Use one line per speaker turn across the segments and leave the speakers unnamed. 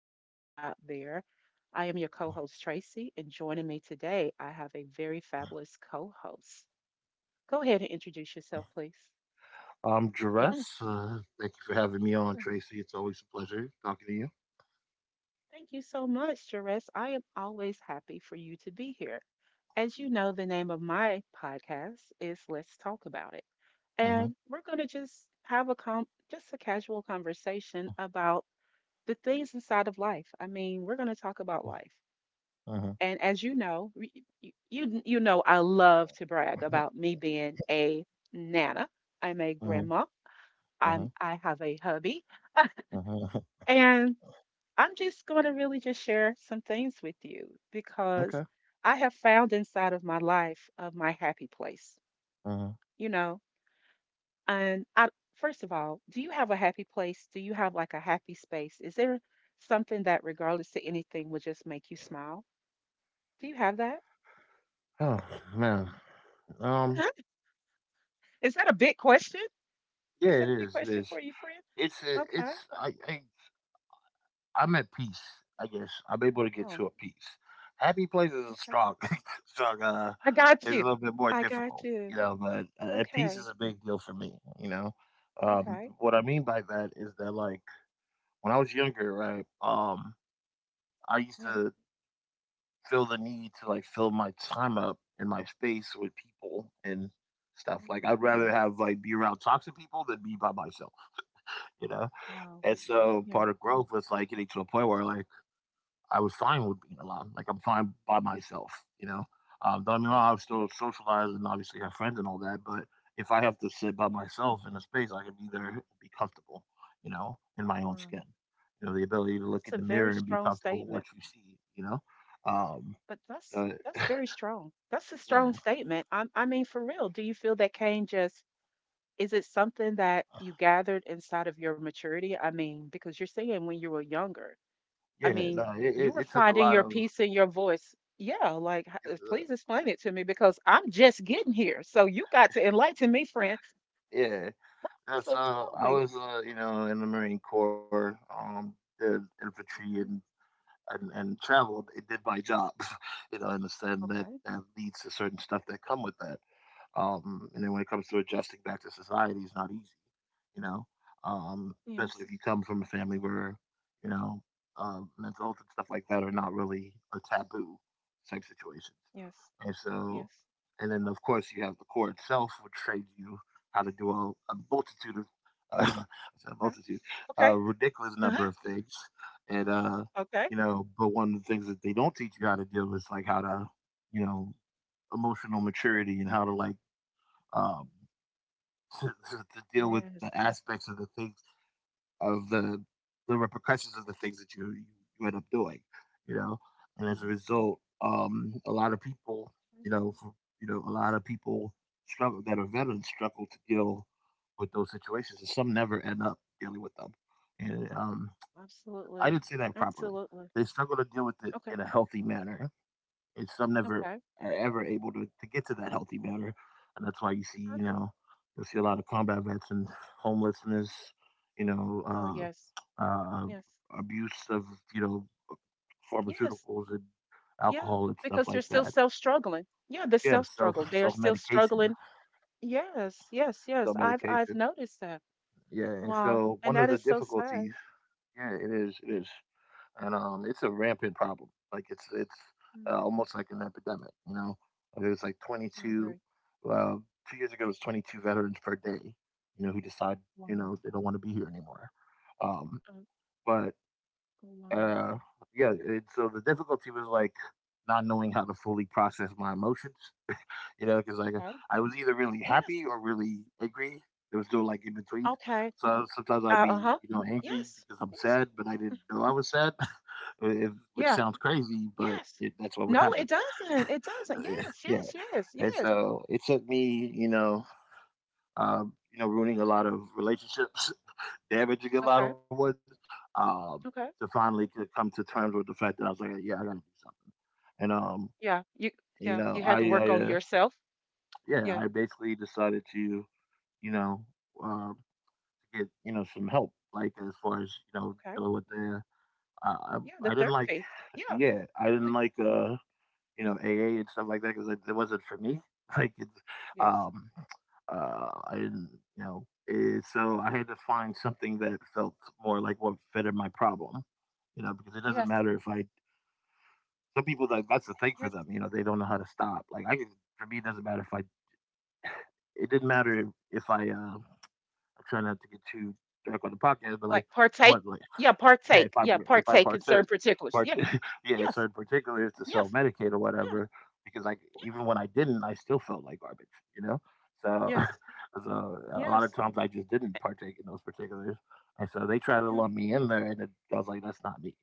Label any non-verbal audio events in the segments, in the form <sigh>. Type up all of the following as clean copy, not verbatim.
listeners out there. I am your co host, Tracy, and joining me today, I have a very fabulous co host. Go ahead and introduce yourself, please.
I'm Jerez.
Mhm.
Thank you for having me on, Tracy. It's always a pleasure talking to you.
Thank you so much, Jerez. I am always happy for you to be here. As you know, the name of my podcast is Let's Talk About It.
Uh-huh.
And we're going to just have just a casual conversation about the things inside of life. I mean, we're going to talk about life.
Uh-huh.
And as you know, you know I love to brag about me being a nana. I'm a
Uh-huh.
grandma.
Uh-huh.
I have a hubby,
Uh-huh. uh-huh. <laughs>
and I'm just going to really just share some things with you because
Okay.
I have found inside of my life of my happy place.
Uh-huh.
You know, and I first of all, do you have a happy place? Do you have like a happy space? Is there something that, regardless to anything, will just make you smile? Do you have that?
Oh man. Um.
<laughs> Is that a big question?
Yeah.
Is
It
that a big
is. It
question
is.
for you, friend?
It's.
Okay.
It's. I. I. I'm at peace. I guess I'm able to get
Oh,
to a peace. Happy places are
okay.
strong. <laughs> Strong,
I got
is a
you.
little bit more
I got
difficult.
you.
You know, but at peace
Okay.
is a big deal for me. You know.
Okay.
What I mean by that is that like when I was younger, right? I used
Yeah.
to feel the need to like fill my time up in my space with people and stuff. Like
Hmm.
I'd rather have like be around toxic people than be by myself, you know?
Wow.
And so
Yeah.
part of growth was like getting to a point where like I was fine with being alone. Like I'm fine by myself, you know. Don't get
Okay.
I'm still socialized and obviously have friends and all that, but if I have to sit by
Yeah.
myself in a space, I can be there and be comfortable, you know, in my own
Wow.
skin. You know, the ability to look
That's
in
a
the mirror
very
and be
strong
comfortable with what
statement.
you see, you know. Um,
But that's
uh,
that's
yeah,
very strong. That's a strong
<laughs>
statement. I mean, for real, do you feel that Cain just is it something that you gathered inside of your maturity? I mean, because you're saying when you were younger. I
yeah, no,
mean,
it,
you
it,
were
it took a
finding
lot
your
of,
peace in your voice. Yeah, like,
it was,
please explain it to me because I'm just getting here. So you got to enlighten me, friend.
yeah. So
So tell
I
me.
was, you know, in the Marine Corps, did infantry and
Okay.
and, and traveled. It did my job, <laughs> you know. I understand that
Okay.
that leads to certain stuff that come with that. And then when it comes to adjusting back to society, it's not easy, you know, especially
Yes.
if you come from a family where, you know, mental health and stuff like that are not really a taboo type situations.
Yes.
And so,
Yes.
and then of course you have the core itself, which trains you how to do a multitude of, <laughs> uh, a
Okay.
multitude,
Okay.
a ridiculous number
Uh-huh.
of things. And,
Okay.
you know, but one of the things that they don't teach you how to do is like how to, you know, emotional maturity and how to like, um,
Mm,
<laughs> to deal with
yes.
the aspects of of the the repercussions of the things that you end up doing, you know. And as a result, a lot of people,
Mhm.
you know, a lot of people struggle that are veterans struggle to deal with those situations, and some never end up dealing with them. And I
Absolutely.
didn't say that properly.
Absolutely.
They struggle to deal with it
Okay.
in a healthy manner. It's I'm never
Okay.
are ever able to get to that healthy manner. And that's why you see,
I
you
agree.
know, you'll see a lot of combat vets and homelessness, you know,
Oh, yes.
uh, uh,
Yes.
abuse of, you know,
Yes.
pharmaceuticals and
Yeah.
alcohol and stuff
Because they're
like
still
that.
self struggling. Yeah, the
Yeah,
self
self
struggle. They are
self
still
medication,
struggling. Yes, yes,
self
yes. I've
medication.
noticed that.
Yeah, and
Wow.
so
And
one of
that
the
is so sad.
difficulties, yeah, it is, it is. And It's a rampant problem. Like it's it's
Mm,
uh, almost like an epidemic. You know, there's like
I
22.
agree.
Uh, 2 years ago, it was 22 veterans per day. You know, who decide
Wow.
you know they don't want to be here anymore. Um,
Uh,
but
wow.
uh, yeah, so the difficulty was like not knowing how to fully process my emotions, you know, because like
Okay.
I was either really
Yes.
happy or really angry. There was no like in between.
Okay.
So sometimes I'd
Uh,
be,
uh-huh.
you know, angry
Yes.
because I'm
Yes.
sad, but I didn't know I was sad, <laughs> if, which
Yeah.
sounds crazy, but
Yes.
that's what would
No,
happen.
it doesn't. It doesn't.
<laughs>
Yes,
Yeah,
yes, yes,
and
yes.
so it took me, you know, ruining a lot of relationships, <laughs> damaging a lot of
Okay.
ones, um, to
Okay.
finally to come to terms with the fact that I was like, yeah, I gotta do something. And
Yeah. You
you
yeah,
know,
you had to work
I
on yourself.
Yeah,
Yeah.
I basically decided to, you know, uh, to get you know some help, like as far as you know
Okay.
dealing with the. Uh,
Yeah, the
I didn't like,
therapy.
<sighs>
Yeah.
yeah, I didn't like you know AA and stuff like that because it wasn't for me. <laughs> Like, it's,
Yes.
um, I didn't you know. So I had to find something that felt more like what fitted my problem, you know, because it doesn't
Yes.
matter if I. Some people like that's the thing for
Yes.
them, you know, they don't know how to stop. For me, it doesn't matter if I. It didn't matter if I. I'm trying not to get too dark on the podcast, but like
Like partake.
what like
Yeah,
yeah,
partake. Yeah,
if I
partake in certain
partook
particulars.
part
Yeah.
<laughs> yeah, in
Yes.
certain particulars to self
Yes.
medicate or
Yeah.
whatever, because like
Yeah.
even when I didn't, I still felt like garbage, you know? So
Yes.
<laughs> so a lot
Yes.
of times I just didn't partake in those particulars. And so they tried to
Yeah.
lump me in there and I was like, that's not me.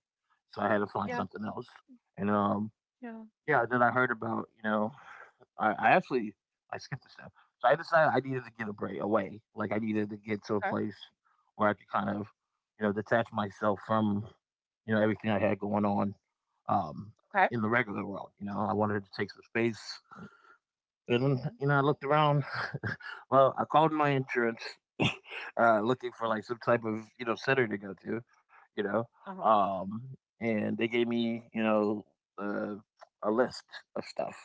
So I had to find
Yeah.
something else. And
Yeah.
Yeah, then I heard about, you know, I, I actually I skipped a step. So I decided I needed to get a break away. Like I needed to get to a
Okay.
place where I could kind of, you know, detach myself from, you know, everything I had going on um
Okay.
in the regular world. You know, I wanted to take some space. And
Okay.
you know, I looked around. <laughs> Well, I called my insurance, <laughs> looking for like some type of, you know, center to go to, you know.
Uh huh.
Um and they gave me, you know, uh, a list of stuff.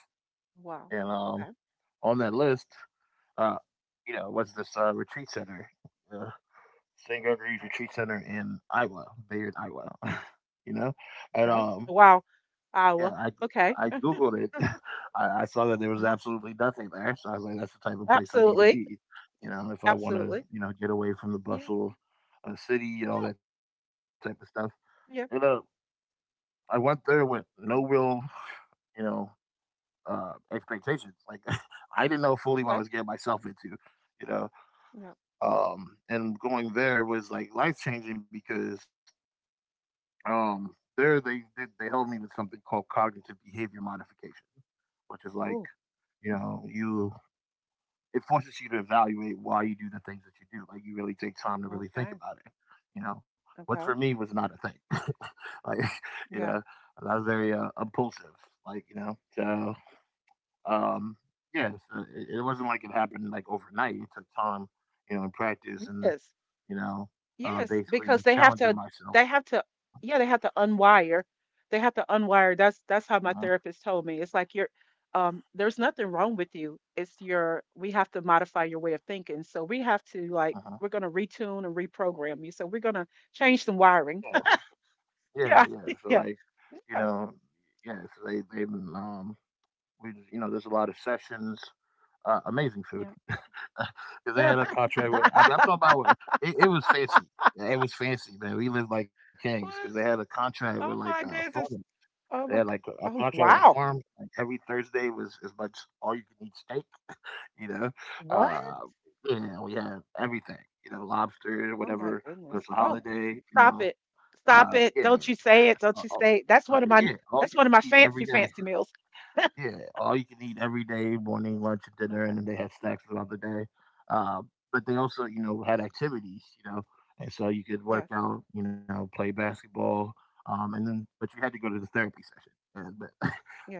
Wow.
And
Okay.
On that list, uh, you know, was this retreat center, uh, St. Gregory's
Okay.
Retreat Center in Iowa, Bayard, Iowa. <laughs> You know, and
Okay. Wow. I
yeah,
will. Okay.
I googled it. <laughs> I saw that there
Uh
was
huh.
absolutely nothing there, so I was like, that's the type of place I need to
Absolutely.
be. You know, if I want to,
Absolutely.
you know, get away from the
Yeah.
bustle of the city and
Yeah.
all that type of stuff. You know,
Yeah.
I went there with no
Mm,
real, you know, expectations. Like <laughs> I didn't know fully what
okay.
I was getting myself into. You know,
Yeah.
and going there was like life changing because there they did they helped me with something called cognitive behavior modification, which is like
Oh.
you know you it forces you to evaluate why you do the things that you do, like you really take time to really think
Okay.
about it, you know, what for
Okay.
me was not a thing. <laughs> Like you
Yeah.
know I was very impulsive like you know so um yeah so it wasn't like it happened like overnight, it took time, you know, and practice and
Yes.
you know,
Yes,
basically
because
challenging myself.
they have to yeah, they have to unwire. They have to unwire.
Uh-huh,
That's how my therapist told me. It's like you're, there's nothing wrong with you. It's your we have to modify your way of thinking. So we have to
uh-huh.
like we're going to retune and reprogram you. So we're going to change some wiring. <laughs>
Yeah, yeah, yeah.
Yeah. <laughs>
So
Yeah.
like,
Yeah.
you know, yeah. So they We just, you know there's a lot of sessions. Amazing food <laughs> because they had
Yeah.
a
<laughs>
contract with. I mean, I'm talking about It was fancy. Yeah, it was fancy, man. We lived like kings because they
What?
had a contract with like
Oh
a
my
farm.
goodness.
They
Oh
had
my
like
g-
a
Oh
contract with a
wow.
farm. Like every Thursday was as much all you can eat steak, you know?
What?
Uh, yeah, we had everything, you know, lobster,
Oh my
whatever, there's
goodness.
a
Oh
holiday, you
stop
know?
it.
Uh,
Stop
yeah,
it. Don't you say it.
uh, uh,
Don't you say it! That's one of
yeah,
my
all you
that's one of
can
my
eat every
fancy,
day.
fancy meals. <laughs>
Yeah, all you can eat every day, morning, lunch, and dinner, and
Okay.
then they had snacks throughout the day. Uh, but they
Okay.
also, you know, had activities, you know, and so you could work
Yes.
out, you know, play basketball, and then but you had to go to the therapy session. And but <laughs>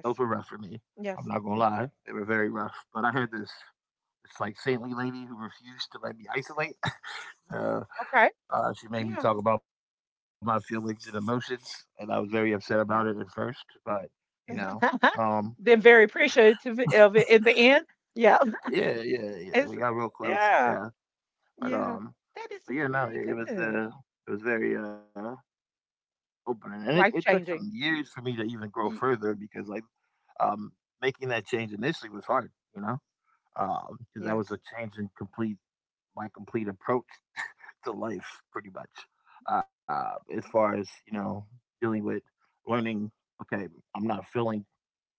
Those were rough for me. I'm
Yes.
not gonna lie, they were very rough. But I had this, it's like saintly lady who refused to let me isolate. <laughs> Uh,
Okay.
she made me
Yeah.
talk about my feelings and emotions, and I was very upset about it at first.
Yeah.
But you know, um,
<laughs> Then very appreciative of it in the end. Yeah.
yeah,
<laughs>
yeah, yeah, we got
It's
real close. Yeah,
yeah.
but
Yeah.
um,
That
but
is
yeah, no,
very good.
it was very open, and it took
Life
some
changing.
years for me to even grow
Y-
further because like um making that change initially was hard, you know, because that was
Yes.
a change in complete my complete approach to life pretty much. As
Okay.
far as you know, dealing with learning. Okay, I'm not feeling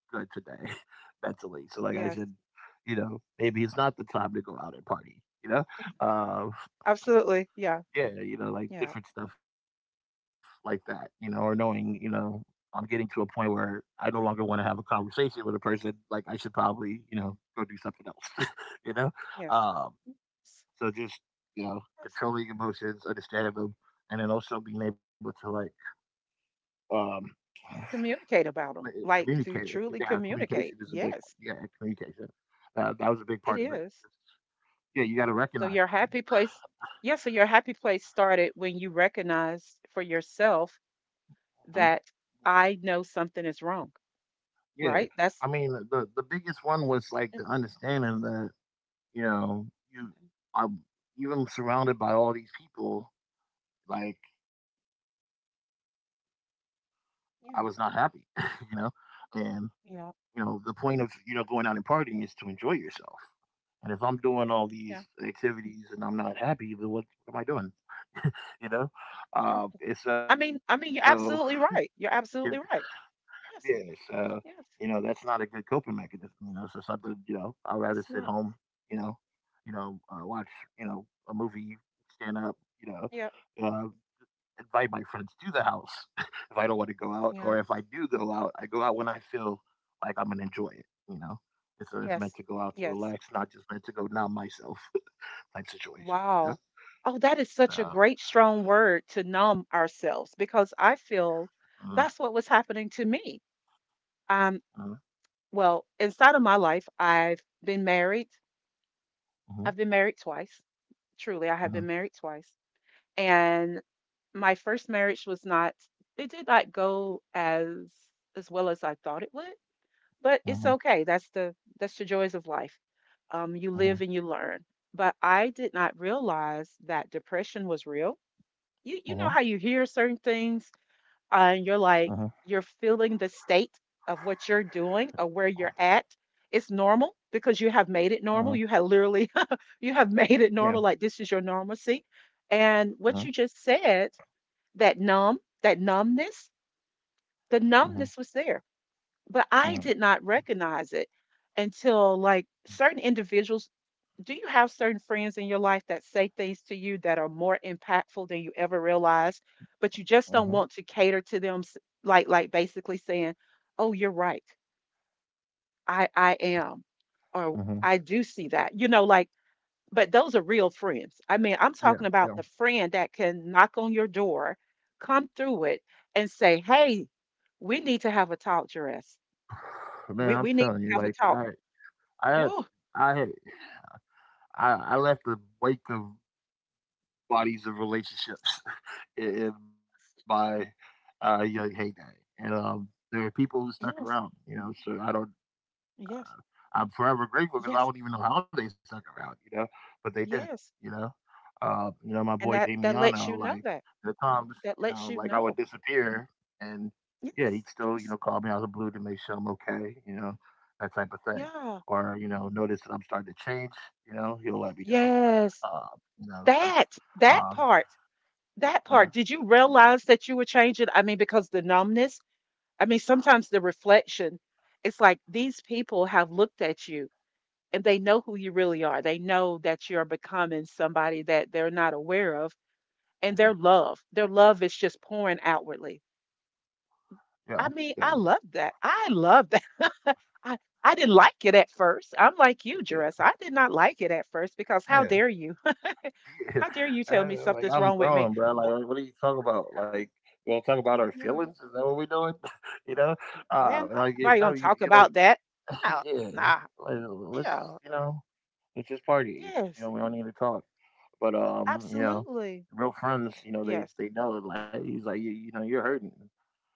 good today <laughs> mentally, so like I
Yes.
should, you know, maybe it's not the time to go out and party. You know, uh,
Absolutely. Yeah.
yeah, you know, like
Yeah.
different stuff like that. You know, or knowing, you know, I'm getting to a point where I no longer want to have a conversation with a person. Like I should probably, go do something else. <laughs> you know, um,
Yes.
so
Yes.
just,
Yes.
controlling emotions, understanding them, and then also being able to um
Communicate about them. Like
communicate.
to
It.
truly
Yeah, communication
communicate.
is a big one.
Yes.
Yeah, communication. That was a big
It
part of it.
is.
Yeah, you got to
So
recognize
your happy place, yeah, so your happy place started when you recognized for yourself
them. Mhm.
that I know something is wrong,
Yeah,
right?
I
That's
mean the biggest one was like the
Mm,
understanding that you know you
okay.
I'm even surrounded by all these people like I was not happy, <laughs> you
Yeah,
know, and
yeah,
the point of going out and partying is to enjoy yourself. And if I'm doing all
yeah.
these activities and I'm not happy, then what am I doing? You know?
You,
uh. and so,
I mean, you're absolutely
it,
right. You're absolutely right.
yeah, so,
Yes,
you know, that's not
yes.
a good coping mechanism, you know? So something, you know, I'd rather sit home,
It's not.
you know, watch, you know, a movie, stand up,
Yeah,
uh, invite my friends to the house <laughs> if I don't want to go out.
yeah.
Or if I do go out, I go out when I feel like I'm going to enjoy it, you know? It's meant
Yes,
to go out to
yes.
relax, not just meant to go numb myself <laughs> type situation.
Wow. Oh, that is such a
Yeah.
great, strong word to numb ourselves because I
Mhm,
feel that's what was happening to me.
mhm,
Um, Well, inside of my life, I've been married.
mhm,
I've been married twice. Truly, I have
mhm,
been married twice. And my first marriage was not, it did not go as well as I thought it would, but it's
mhm,
okay. That's the joys of life. You
mhm,
live and you learn. But I did not realize that depression was real. You know how
mhm,
you hear certain things
mhm,
and you're like you're feeling the state of what you're doing or where you're at, it's normal because you have made
mhm,
it normal. You have literally <laughs> you have made it
yeah,
normal, like this is your normalcy. And
mhm,
what you just said, that numb, that numbness, the
mhm,
numbness was there but
mhm,
I did not recognize it until like certain individuals. Do you have certain friends in your life that say things to you that are more impactful than you ever realized, but you just
mhm,
don't want to cater to them, like basically saying, "Oh, you're right. I am," or
mhm,
"I do see that." You know, like, but those are real friends. I mean, I'm
yeah,
talking about
yeah.
the friend that can knock on your door, come through it, and say, "Hey, we need to have a talk, Jerez.
<sighs> Man,
We
I'm
we need
telling
to
you,
have a talk."
I had,
Whoa,
I had, I left the wake of bodies of relationships <laughs> in my young heyday, and there are people who stuck
yes,
around, you know. So I don't,
yes,
I'm forever grateful
yes,
because I don't even know how they stuck around, you know, but they did,
yes.
you know. You know, my
And
boy
that lets
Damiano,
you know
like
that.
the times,
That
you
lets
know,
you
like I would
know.
disappear and yeah, he'd
Yes,
still, you know,
yes,
call me out of the blue to make sure I'm okay, you know, that type of thing.
yeah,
Or, you know, notice that I'm starting to change, you know, he'll let me know.
yes.
Uh, you know, stuff.
That that
Um,
part, that part.
uh,
Did you realize that you were changing? I mean, because the numbness. I mean, sometimes the reflection. It's like these people have looked at you and they know who you really are. They know that you're becoming somebody that they're not aware of, and
mhm,
their love is just pouring outwardly.
yeah,
I mean,
yeah,
I love that. I love that. <laughs> I I didn't
yeah,
like it at first. I'm like you, Jerris. I did not like it at first because how
yeah.
dare you? <laughs> How dare you
<laughs>
tell me something's
I'm
wrong with me?
grown, bro.
Well,
Like, what are you talking about? Like, you want to talk about our
yeah,
feelings? Is that what we're doing? <laughs> you
uh,
know?
man, I'm nobody
No,
gonna talk
you like,
about that.
<clears throat>
No,
<laughs> yeah,
nah,
like,
yeah,
let's just party. You
yes,
know, we don't need to talk. But, you know,
absolutely,
real friends, you know,
yes,
they know, like, he's like, you know, you're hurting.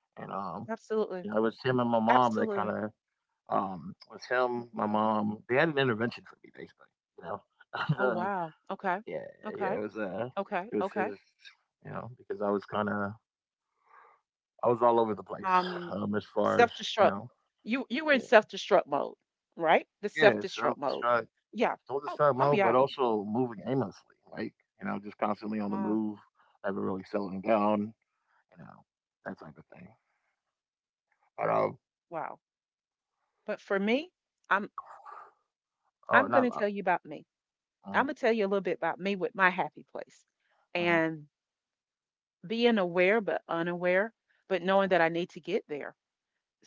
And,
absolutely,
you know, it was him and my mom that
absolutely,
it was him, my
yeah.
mom. They had an intervention for me, basically, you
Oh
know? <laughs>
wow. Okay,
Yeah, yeah,
okay, okay,
it was
okay.
his, you know, because I was all over the place,
um
as far as, you
Self-destruct,
know.
you were in
Yeah,
self-destruct mode, right, the
yeah,
self-destruct mode.
self-destruct
Yeah. Oh, oh
mode,
yeah.
but also moving aimlessly, like, you know, just constantly on the
Wow.
move, never really settling down, you know, that type of thing. But,
Wow. But for me, i'm
oh,
I'm going
not
to tell you about me.
uh-huh,
I'm going to tell you a little bit about me with my happy place.
uh-huh,
And being aware but unaware, but knowing
uh-huh,
that I need to get there.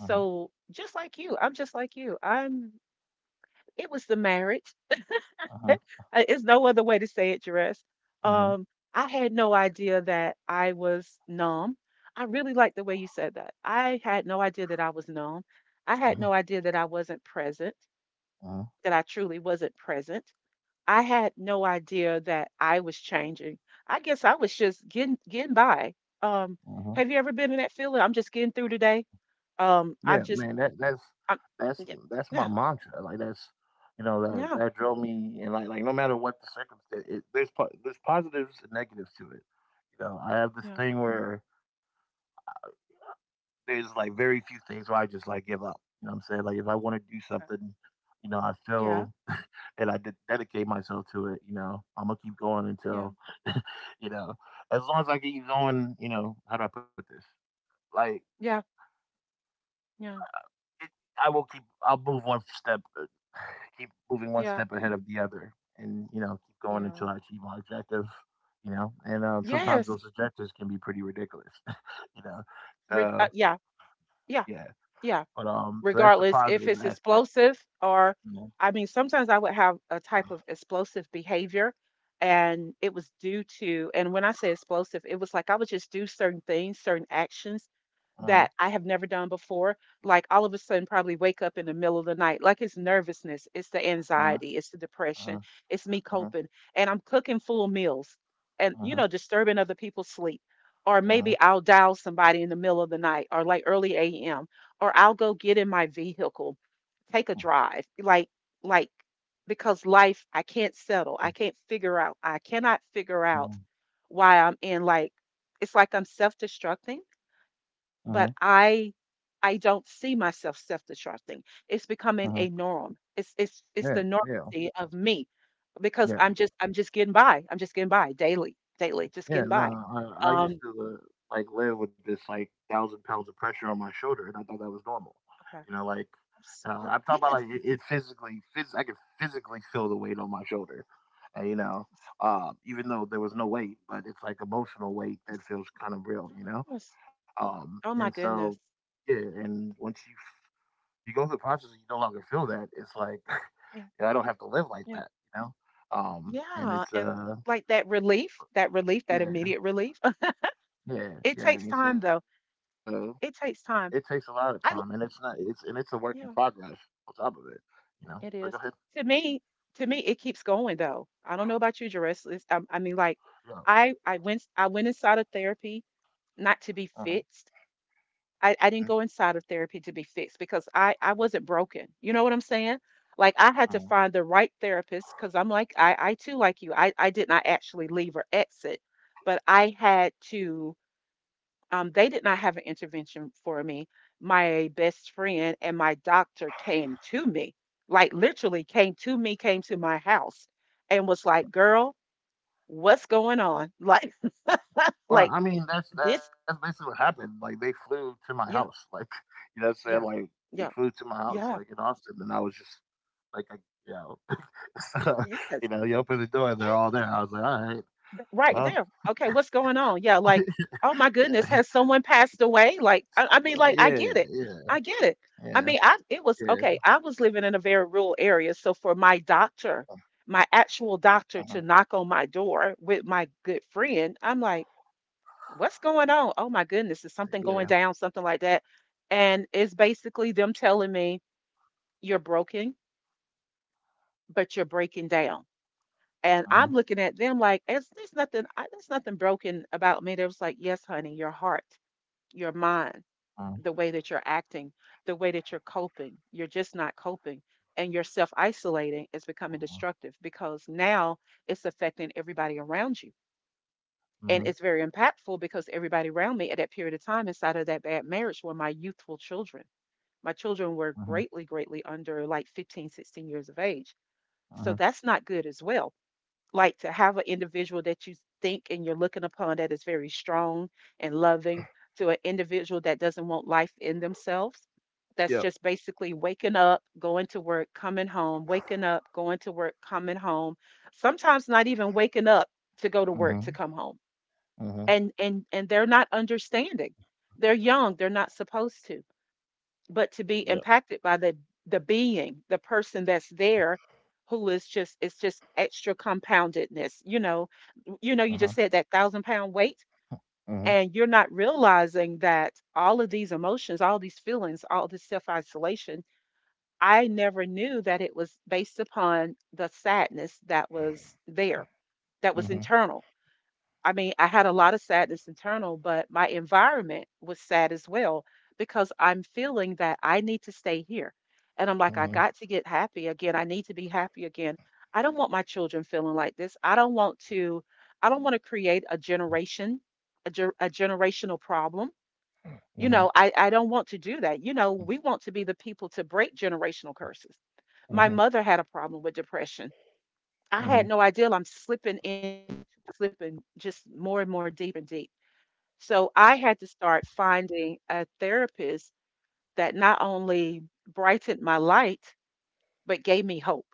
uh-huh,
just like you, I'm just like you. I'm It was the marriage.
uh-huh,
It's no other way to say it, Jerez.
uh-huh,
Um, I had no idea that I was numb. I really like the way you said that. I had no idea that I was numb. I had
uh-huh,
no idea that I wasn't present,
uh-huh,
that I truly wasn't present. I had no idea that I was changing. I guess I was just getting getting by. Um,
uh-huh.
have you ever been in that feeling? I'm just getting through today. Um,
Yeah,
I'm just,
man,
I'm,
that's
yeah,
that's my
yeah,
mantra. Like that's that
yeah,
that drove me, and no matter what the circumstance, there's there's positives and negatives to it. You know, I have this
yeah,
thing where there's like very few things where I just like give up. You know what I'm saying? Like if I want to do something, you know, I
yeah,
feel <laughs> and I did dedicate myself to it. You know, I'm gonna keep going
yeah,
until <laughs> you know, as long as I keep going. You know, how do I put this? Like
yeah, yeah,
it, I will keep. I'll move one step, keep moving one
yeah.
step ahead of the other, and you know, keep going until
Yeah.
I achieve my objective. You know, and sometimes
Yes.
those objectives can be pretty ridiculous. <laughs> You know, so
Yeah. Yeah.
yeah,
Yeah.
but so that's the
Regardless if
positive
it's
aspect.
explosive or
You know,
I mean, sometimes I would have a type of explosive behavior, and it was due to, and when I say explosive, it was like I would just do certain things, certain actions
uh huh,
that I have never done before. Like all of a sudden, probably wake up in the middle of the night. Like it's nervousness, it's the
uh
anxiety, it's the depression,
huh,
it's me
uh huh,
coping, and I'm cooking full meals and,
uh
you
huh,
know, disturbing other people's sleep. Or
uh huh,
maybe I'll dial somebody in the middle of the night or like early AM or I'll go get in my vehicle, take a drive. Like, because life, I can't settle. I can't figure out. I cannot figure out
uh
why I'm in like, it's like I'm self-destructing,
huh,
but I don't see myself self-destructing. It's
uh huh.
becoming a norm. It's
Yeah,
the
yeah,
normalcy of me because
yeah.
I'm just getting by. I'm just getting by daily, daily, just
Yeah,
getting
no,
by.
I I used
Um,
to, uh, like, live with this, like, 1,000 pounds of pressure on my shoulder, and I thought that was normal.
okay.
You know, like,
I'm so
I'm talking about,
yes,
like, it physically phys I could physically feel the weight on my shoulder, and, you know,
yes,
even though there was no weight, but it's, like, emotional weight that
yes.
feels kind of real, you know?
Yes. Oh my
And
goodness.
so, yeah, and once you go through the process and you no longer feel that, it's like,
Yeah,
<laughs> I don't have to live
yeah.
like that, you know?
Yeah,
And it's,
and, like, that relief, that relief, that immediate
yeah,
relief. <laughs> It
yeah, yeah,
takes
and
time, though.
so it
It
takes a
takes
lot of
time.
time, and it's not.
I
It's
l
and it's a work in progress
yeah,
on top of it. You know. But go ahead.
it is. To me to me, it keeps going, though. I don't know about you, Jerris, it's I mean, like,
Yeah.
I went I went inside of therapy not to be
Uh-huh.
fixed. I,
Mhm,
I didn't go inside of therapy to be fixed because I wasn't broken. You know what I'm saying? Like I had to
mhm.
find the right therapist because I'm like, I too, like you, I did not actually leave or exit, but I had to, they did not have an intervention for me. My best friend and my doctor came to me, like literally came to me, came to my house and was like, girl, what's going on? <laughs> Like, <laughs>
Well,
like
I mean, that's
this.
basically what happened. Like they flew to my house. Like
Yeah.
<laughs> you know, what I'm saying like
Yeah.
they flew
Yeah.
to my house, like in
Yeah.
Austin, and I was just like, I, you know, <laughs> so, you
Yes.
know, you open the door and they're all
Yes.
there. I was like, all right,
Right
well,
there. Okay, what's going on? Yeah, like, oh my
<laughs>
goodness,
yeah,
has someone passed away?
<laughs>
Like,
Like,
I
yeah,
mean, like, I
yeah,
get it. I get it.
yeah,
I mean, I it
yeah,
was okay. I was living in a very rural area, so for my doctor, my actual
uh-huh,
doctor, to knock on my door with my good friend, I'm like, what's going on? Oh my goodness, is
yeah,
something going down? Something like that, and it's basically them telling me you're broken, but you're breaking down. And
uh-huh,
I'm looking at them like, it's there's nothing, there's nothing broken about me. They was like, yes, honey, your heart, your mind,
uh-huh,
the way that you're acting, the way that you're coping, you're just not coping. And you're self isolating is becoming destructive because now it's affecting everybody around you.
uh-huh,
And it's very impactful because everybody around me at that period of time inside of that bad marriage were my youthful children. My children were
uh-huh,
greatly, greatly under like 15, 16 years of age.
uh-huh,
So that's not good as well, like to have an individual that you think and you're looking upon that is very strong and loving, to an individual that doesn't want life in themselves. That's
yep,
just basically waking up, going to work, coming home, waking up, going to work, coming home. Sometimes not even waking up to go to work
uh-huh,
to come home.
uh-huh,
And they're not understanding. They're young, they're not supposed to. But
yeah.
to be impacted by the being, the person that's there who is just, it's just extra compoundedness, you
Uh-huh,
just said, that 1,000-pound weight,
Uh
and you're not realizing that all of these emotions, all these feelings, all this self isolation, I never knew that it was based upon the sadness that was there, that was
Uh
internal. I mean, I had a lot of sadness internal, but my environment was sad as well because I'm feeling that I need to stay here. And I'm like,
Uh
I
huh.
got to get happy again. I need to be happy again. I don't want my children feeling like this. I don't want to create a generation, a generational problem. You
huh. huh. huh.
know, I don't want to do that. You know, we want to be the people to break generational curses.
Uh
My
huh.
mother had a problem with depression. I
Uh
had
huh.
no idea I'm slipping in, slipping just more and more deep and deep. So I had to start finding a therapist that not only brightened my light, but gave me hope.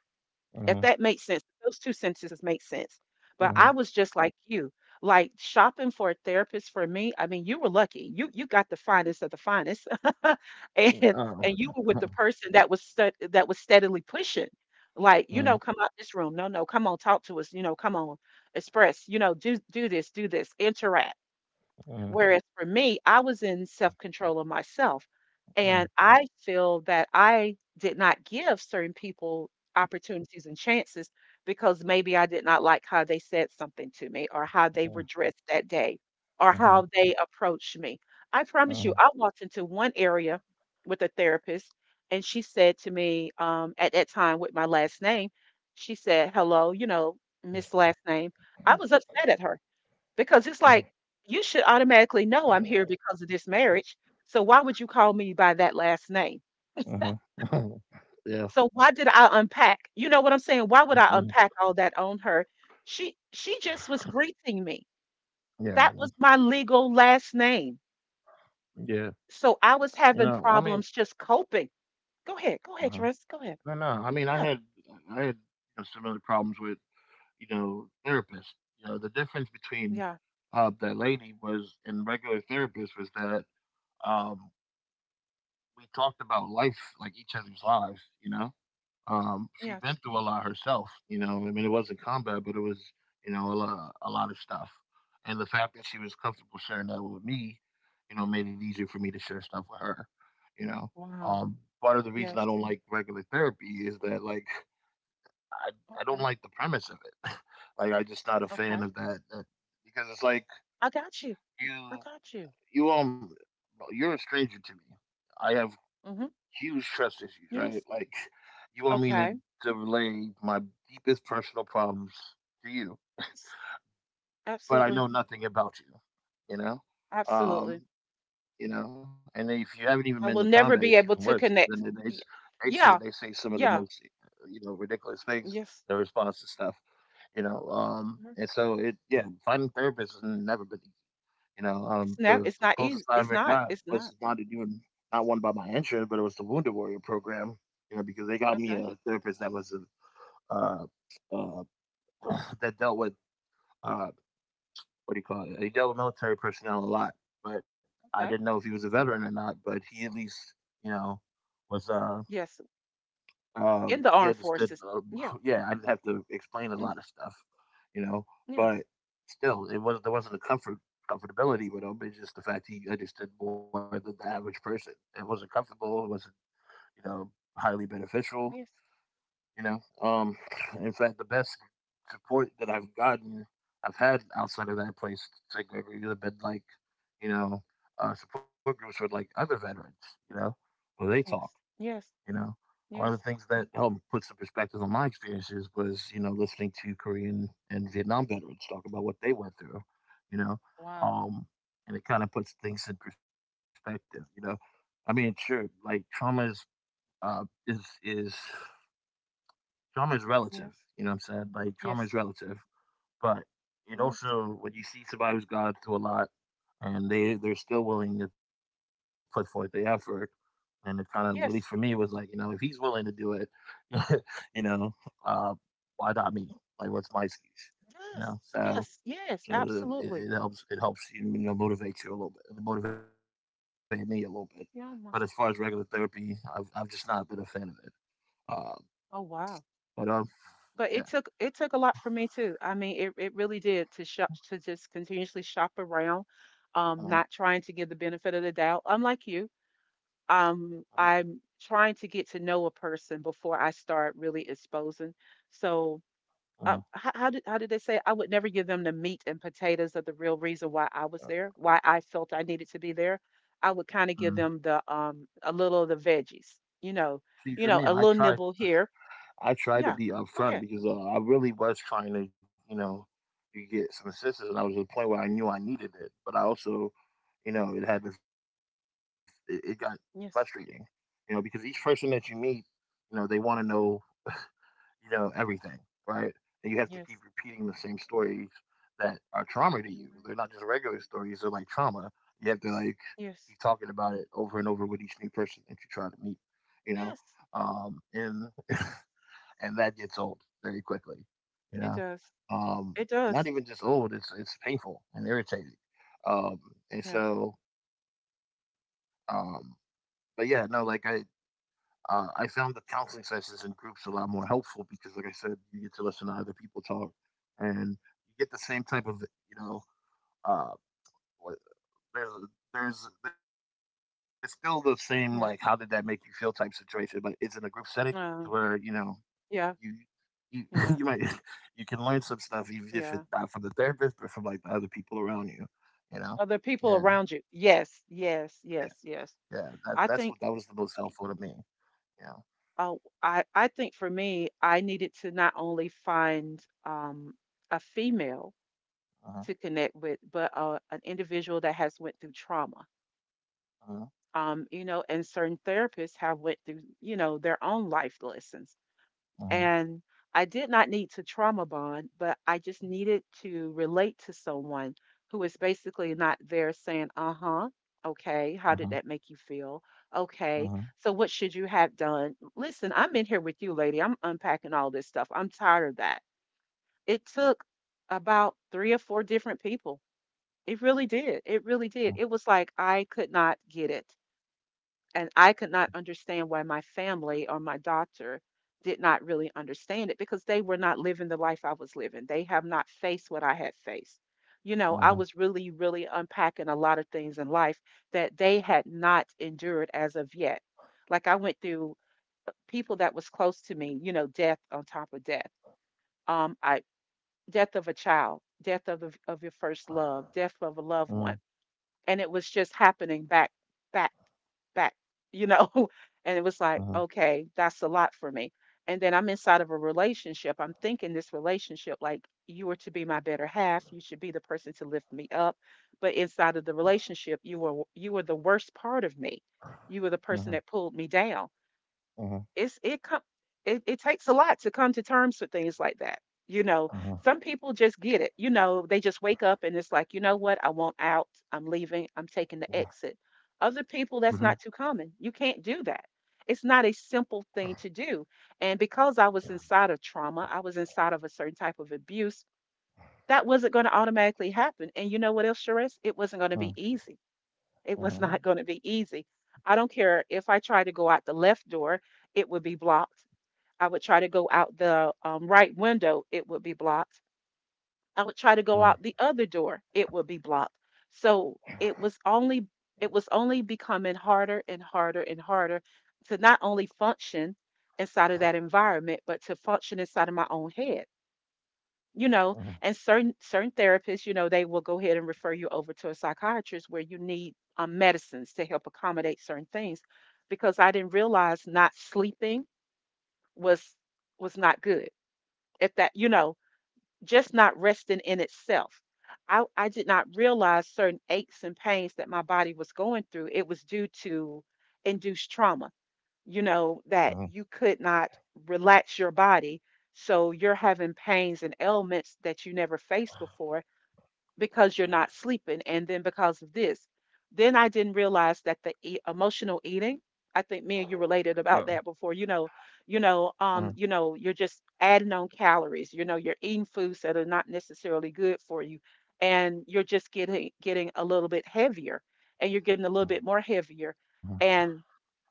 Uh
If
huh.
that makes sense, those two sentences make sense. But
Uh
I
huh.
was just like you, like shopping for a therapist for me. I mean, you were lucky. You got the finest of the finest, <laughs> and
oh,
and you were with
<laughs>
the person that was steadily pushing. Like,
Uh
you
huh.
know, come out this room. No, no, come on, talk to us. You know, come on, express. You know, do this, interact.
Uh huh.
Whereas for me, I was in self-control of myself,
Uh huh. Uh huh.
and I feel that I did not give certain people opportunities and chances because maybe I did not like how they said something to me, or how they were dressed that day, or how they approached me. I
Uh huh.
promise you, I walked into one area with a therapist, and she said to me, at that time with my last name, she said, "Hello, you know, Miss Last Name." I was upset at her because it's like, you should automatically know I'm here because of this marriage. So why would you call me by that last name?
Uh huh. <laughs> yeah,
So why did I unpack? You know what I'm saying? Why would I
mhm,
unpack all that on her? She just was greeting me.
yeah.
That was my legal last name.
Yeah.
So
You
I was
know, I
having
mean
problems just coping. Go ahead.
uh-huh.
Go ahead, Tress. Go
No,
ahead.
no, I mean,
Yeah.
I had, you know, similar problems with, you know, therapists. You know, the difference between,
Yeah.
that lady was and regular therapists was that, um, we talked about life, like, each other's lives, you know? She'd been
Yes.
through a lot herself, you know. I mean, it wasn't combat, but it was, you know, a lot of stuff. And the fact that she was comfortable sharing that with me, you know, made it easier for me to share stuff with her, you know.
Wow.
Part of the reason I
Yes.
don't like regular therapy is that, like, I, I don't
Okay.
like the premise of it. <laughs> Like, I'm just not a fan
Okay.
of that because it's like
I got you. I
you,
got you.
you, um, you're a stranger to me. I have
Mm-hmm.
huge trust issues, right?
Yes.
Like, you want me
Okay.
to relay my deepest personal problems to you,
Yes.
but I
Absolutely.
know nothing about you, you know?
Absolutely.
You know, and if you haven't even been to combat,
I
it's
will
even
never
worse.
be able
Then
to connect. Y-
they say
Yeah,
some of the most
yeah,
you know ridiculous things
yes.
in response to stuff, you know.
Mhm.
And so it yeah, finding therapists has never been you know,
It's never. It's
the
not easy.
closest I
It's
ever
not.
got
It's not.
was not one by my insurance, but it was the Wounded Warrior program. You know, because they got me
Okay.
a therapist that was uh, uh, <clears throat> that dealt with uh, what do you call it? He dealt with military personnel a lot, but I didn't
Okay.
know if he was a veteran or not. But he at least, you know, was
Yes. In
um,
the
he
armed
understood,
forces. Yeah.
<laughs> yeah, I didn't have to explain a
Mm.
lot of stuff, you know,
Yes.
but still, it was there wasn't a comfortability with him. It's just the fact he understood more than the average person. It wasn't comfortable. It wasn't, you know, highly beneficial.
Yes.
You know, in fact, the best support that I've gotten, I've had outside of that place, St. Gregory, would have been like, you know, support groups with like other veterans. You know, where they talk
Yes. Yes.
you know, one of
Yes.
the things that helped put some perspective on my experiences was, you know, listening to Korean and Vietnam veterans talk about what they went through, you know,
Wow.
um, and it kind of puts things in perspective. You know, I mean, sure, like trauma is uh, is is trauma is relative.
Yes.
You know what I'm saying? Like trauma is
Yes.
relative, but it
Yes.
also when you see somebody who's gone through a lot and they're still willing to put forth the effort. And it kind of, at least for me, was like you
Yes.
know, if he's willing to do it, <laughs> you know, uh, why not me? Like, what's my excuse? You know,
Yes.
so
Yes.
so
Yes. Absolutely.
it helps you you know motivate you a little bit. It motivated me a little bit. But as far as regular
Yeah.
therapy, I've just not been a fan of it. Uh,
Oh
but
wow.
yeah.
But it took a lot for me too. I mean, it really did, to shop, to just continuously shop around,
Uh,
not trying to give the benefit of the doubt. Unlike you, I'm trying to get to know a person before I start really exposing. So,
uh, uh,
how did they say? I would never give them the meat and potatoes of the real reason why I was there, why I felt I needed to be there. I would kind of
uh,
give them the a little of the veggies, you know,
See, for
you
me,
know, a
I
little
try.
nibble here.
I tried to
Yeah,
be
go
upfront
ahead.
because I really was trying to, you know, you get some assistance, and I was at a point where I knew I needed it, but I also, you know, it had this, it got frustrating, you know,
Yes,
because each person that you meet, you know, they want to know, you know, everything, right? And you have to keep repeating the
yes.
same stories that are trauma to you. They're not just
Mhm.
regular stories; they're like trauma. You have to like keep talking
Yes.
about it over and over with each new person that you try to meet, you know.
Yes.
Um, and and that gets old very quickly. You
It
know,
does.
um,
It
not
does.
even just old; it's painful and irritating. Um, and
Yeah.
so, um, but yeah, no, I found the counseling sessions in groups a lot more helpful because, like I said, you get to listen to other people talk, and you get the same type of you know uh, what- there's a- there's still the same
Yes.
like how did that make you feel type situation, but it's in a group setting
Uh.
to where you know
Yeah.
you
Yeah.
you <laughs> you might you can learn some
Yeah.
stuff even if it's not from the therapist, but from like the other people around
Other
you.
people
You
around you.
know.
Yes.
Yeah.
Yes. Yes. Yes.
Yeah.
I
Yeah.
think.
That's that's what that was the most helpful to me. Yeah.
Uh, I think for me, I needed to not only find a female to connect with,
Uh huh.
but an individual that has went through trauma.
Uh
You
huh.
know, and certain therapists have went through, you know, their own life lessons. And I
Uh
did
huh.
not need to trauma bond, but I just needed to relate to someone who is basically not there saying, "Uh huh, okay, how did that make you
Uh huh.
feel? Okay, so what
Uh
should you
huh.
have done? Listen, I'm in here with you, lady. I'm unpacking all this stuff. I'm tired of that." It took about three or four different people. It really did. It really did. It was like I could not get it, and I could not understand why my family or my doctor did not really understand it, because they were not living the life I was living. They have not faced what I had faced. You know, I was really, really
Uh huh.
unpacking a lot of things in life that they had not endured as of yet. Like, I went through, people that was close to me, you know, death on top of death. I death of a child, death of your first love, death of a loved one, and it was just happening back back back, you know? <laughs> And it was like, okay,
Uh
that's a
huh.
lot for me. And then I'm inside of a relationship. I'm thinking, this relationship, like, you were to be my better half. You should be the person to lift me up. But inside of the relationship, you were the worst part of me. You were the person that pulled me
Uh
down. it's it come
huh.
it takes a lot to come to terms with things like that, you know. Some people just
Uh huh.
get it, you know, they just wake up and it's like, you know what, I want out, I'm leaving, I'm taking the exit. Other people, that's not too common,
Mm-hmm.
you can't do that. It's not a simple thing to do. And because I was inside of trauma, I was inside of a certain type of abuse that wasn't going to automatically happen, and you know what else, Sharice? It wasn't going to be easy.
Mm,
It was <laughs> not going to be easy.
mhm,
I don't care if I tried to go out the left door, it would be blocked. I would try to go out the right window, it would be blocked. I would try to go out
huh.
the other door, it would be blocked. So it was only becoming harder and harder and harder to not only function inside of that environment, but to function inside of my own head. You know, and
Uh huh.
certain therapists, you know, they will go ahead and refer you over to a psychiatrist where you need medicines to help accommodate certain things, because I didn't realize not sleeping was was not good, if that, you know, just not resting in itself. I did not realize certain aches and pains that my body was going through. It was due to induced trauma, you know, that you
Uh
could
huh.
not relax your body. So you're having pains and ailments that you never faced before, because you're not sleeping. And then, because of this, then I didn't realize that the emotional eating, I think me and you related about that
Yeah.
before, you know, you
Uh
know,
huh.
you're just adding on calories, you know, you're eating foods that are not necessarily good for you, and you're just getting a little bit heavier, and you're getting a little bit more
Uh
heavier,
huh.
and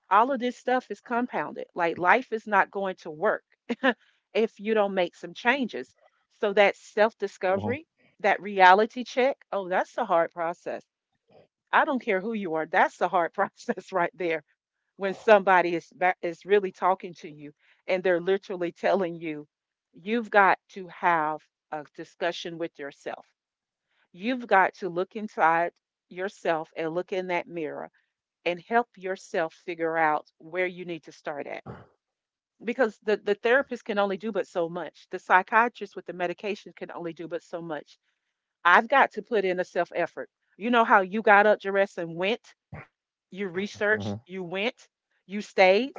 all of this stuff is compounded. Like, life is not going to work <laughs> if you don't make some changes. So that self
Uh
discovery, that reality check, oh, that's a hard process. I don't care who you are. That's a hard <laughs> process right there when somebody is really talking to you, and they're literally telling you you've got to have a discussion with yourself. You've got to look inside yourself and look in that mirror and help yourself figure out where you need to start at, because the therapist can only do but so much. The psychiatrist with the medication can only do but so much. I've got to put in a self effort. You know how you got up, dressed, and went. You researched. You went. You stayed.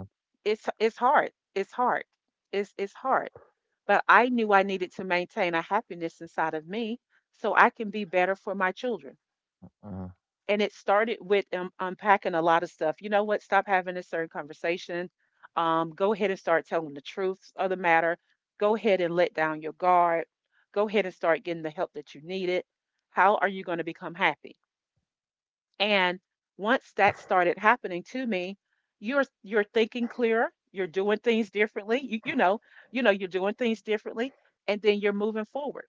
huh.
It's hard. It's hard. It's hard. But I knew I needed to maintain a happiness inside of me so I can be better for my children,
Uh
and it
huh.
started with unpacking a lot of stuff. You know what? Stop having a certain conversation. Go ahead and start telling the truth of the matter. Go ahead and let down your guard. Go ahead and start getting the help that you needed. How are you going to become happy? And once that started happening to me, you're thinking clearer. You're doing things differently. You're doing things differently, and then you're moving forward.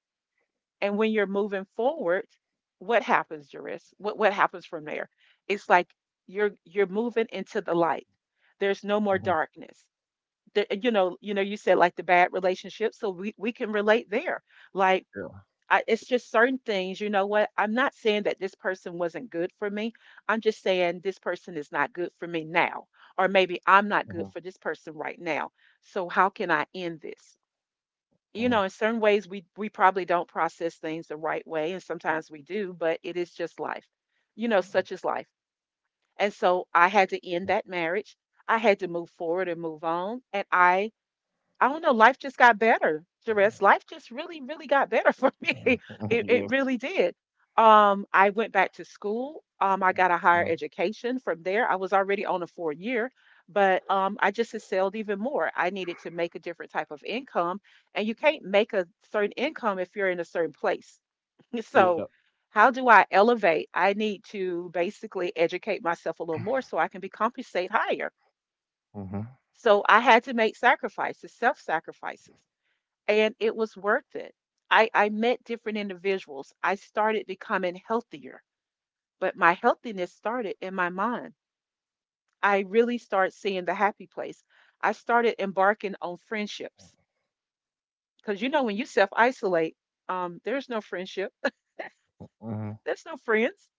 And when you're moving forward, what happens, Juris? What happens from there? It's like you're moving into the light. There's no more darkness. You said like the bad relationships, so we can relate there. Like it's
Yeah.
just certain things. You know what? I'm not saying that this person wasn't good for me. I'm just saying this person is not good for me now, or maybe I'm not good
Uh
for
huh.
this person right now. So how can I end this? You know, in
Uh
certain
huh.
ways we probably don't process things the right way, and sometimes we do, but it is just life. You know, such is life. And so I had to end that marriage. I had to move forward and move on, and I don't know, life just got better, Jerris. Life just really, really got better <laughs> for me. It really
<laughs> Yeah.
did. I went back to school. I got a higher
Mhm.
education from there. I was already on a 4-year, but I just excelled even more. I needed to make a different type of income, and you can't make a certain income if you're in a certain place. <laughs> So,
Yeah.
how do I elevate? I need to basically educate myself a little more so I can be compensated higher.
Uh huh.
So I had to make sacrifices, self sacrifices, and it was worth it. I met different individuals. I started becoming healthier, but my healthiness started in my mind. I really started seeing the happy place. I started embarking on friendships, because you know when you self isolate, there's no friendship, <laughs>
Uh
there's no
huh.
friends.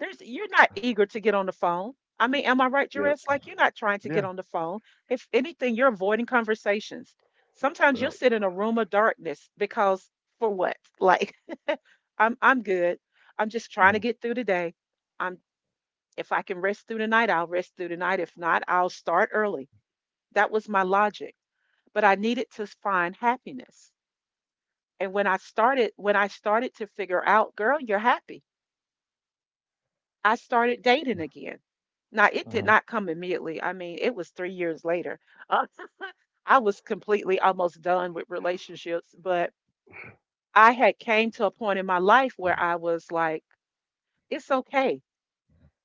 There's you're not eager to get on the phone. I mean, am I right, Jerris?
Yeah,
Like you're not trying to get on the
yeah,
phone. If anything, you're avoiding conversations. Sometimes you'll sit in a
yeah.
room of darkness because for what? Like <laughs> I'm good. I'm just trying to get through the
Mhm,
day. I'm if I can rest through the night, I'll rest through the night. If not, I'll start early. That was my logic. But I needed to find happiness. And when I started to figure out, girl, you're happy, I started dating again. Now, it did not
mhm,
come immediately. I mean, it was 3 years later. Uh, <laughs> I was completely almost done with relationships, but I had came to a point in my life where I was like, it's okay,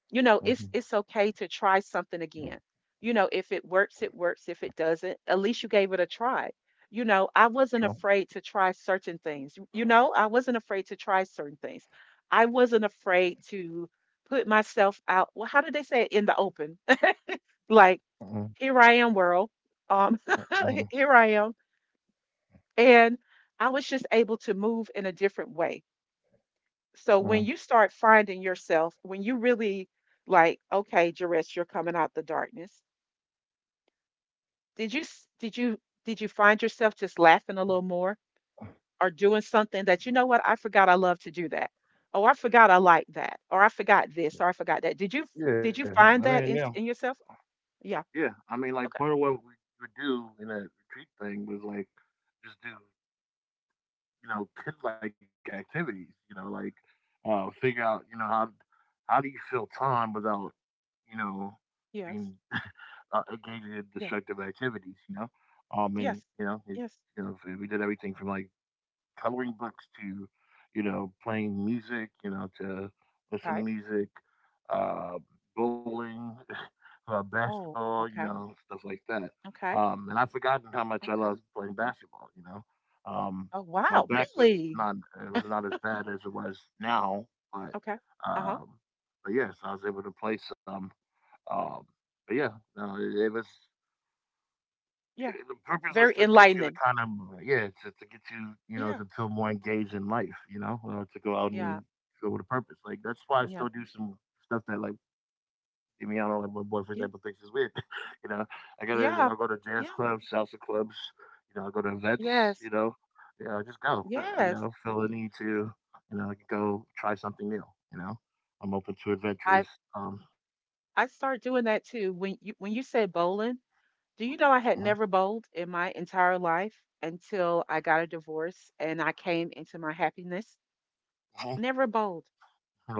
you know, it's
mhm,
okay to try something again. You know, if it works, it works. If it doesn't, at least you gave it a try. You know, I wasn't
true.
afraid to try certain things. You know, I wasn't afraid to try certain things. I wasn't afraid to put myself out, well, how did they say it, in the open. <laughs> Like
Mhm,
here I am, world. um <laughs> Here
mhm,
I am. And I was just able to move in a different way. So when you start
mhm.
finding yourself, when you really, like, okay, Jerris, you're coming out the darkness, did you, did you find yourself just laughing a little more, or doing something that, you know what, I forgot I love to do that. Oh, I forgot I like that, or I forgot this, or I forgot that. Did you, did you
Yeah,
find
I
that
mean,
in
yeah,
yourself? Yeah.
yeah. I mean,
Okay.
like part of what we would do in that retreat thing was like just do you know kid like activities. You know, like figure out you know how do you fill time without you know being <laughs>
Yes.
engaging in destructive
Yeah.
activities. You know, and
Yes.
you know, it,
Yes.
you know, we did everything from like coloring books to, you know, playing music, you know, to listen to
Okay.
music, uh, bowling, <laughs>
Oh,
basketball, you
okay.
know, stuff like that.
Okay.
And I've forgotten how much I
Okay.
loved playing basketball. You know, um,
Oh,
my
wow,
back was
really.
not it was not as bad as it was now, but
Okay. Uh-huh.
um, but yes, I was able to play some. Um, but yeah, no, it was.
Yeah.
Eh, the purpose was
Very
to get you to
enlightening.
kind of yeah, to get you, you know,
Yeah.
to feel more engaged in life, you know, to go out
Yeah.
and go with a purpose. Like that's why I
Yeah.
still do some stuff that like Demiano, like my boy, for example, thinks is
Yeah.
weird. <laughs> you know, I go to
Yeah.
jazz clubs,
Yeah.
salsa clubs, you know, I go to events, you
Yes.
know, yeah, I just go, you know,
Yes.
feel the need to, you know, like, go try something new, you know, I'm open to
I
adventures. Um,
I start doing that too. When you, when you said bowling, do you know I
uh-huh,
had never bowled in my entire life until I got a divorce and I came into my happiness?
uh-huh,
Never bowled.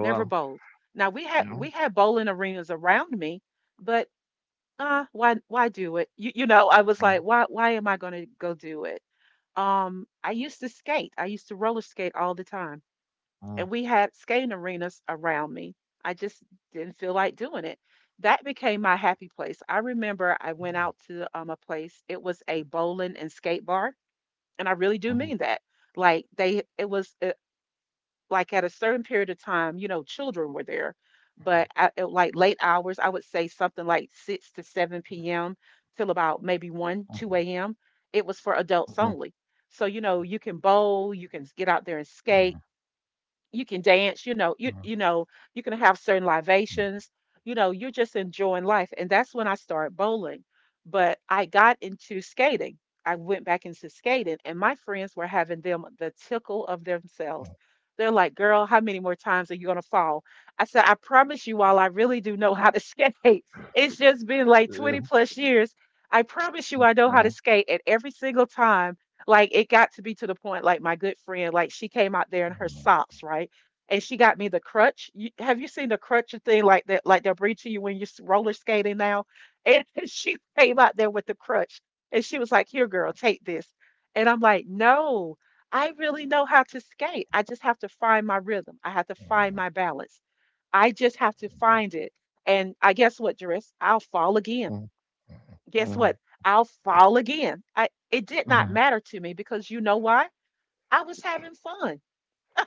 Never
hello,
bowled. Now we had
you
we
know.
had bowling arenas around me, but why do it? You know, I was like,
Uh-huh,
why am I gonna go do it? I used to skate. I used to roller skate all the time, and we
uh-huh,
had skating arenas around me. I just didn't feel like doing it. That became my happy place. I remember I went out to a place. It was a bowling and skate bar, and I really do mean
uh-huh.
that. Like they, it was like at a certain period of time, you know, children were there, but at like late hours, I would say something like 6 to 7 p.m. till about maybe
uh-huh.
1, 2 a.m. It was for
Mhm,
adults only. So you know, you can bowl, you can get out there and
mhm,
skate, you can dance, you know, you
mhm,
you know, you can have certain
mhm.
libations, you know, you're just enjoying life. And that's when I started bowling. But I got into skating. I went back into skating, and my friends were having them the tickle of themselves. They're like, girl, how many more times are you gonna fall? I said, I promise you all, I really do know how to <laughs> skate. It's just
Yeah.
been like 20 plus years. I
Mm,
promise you
mhm.
I know how to skate. And every single time, like it got to be to the point, like my good friend, like she came out there in her
Mhm.
socks, right? And she got me the crutch. You, have you seen the crutch thing like that? Like they're bring to you when roller skating now. And <laughs> she came out there with the crutch, and she was like, "Here, girl, take this." And I'm like, "No, I really know how to skate. I just have to find my rhythm. I have to find my balance. I just have to find it." And I guess what, Doris? I'll fall
Mm,
again,
mhm,
guess what? I'll fall again. I It did
mhm,
not matter to me, because you know why? I was having fun.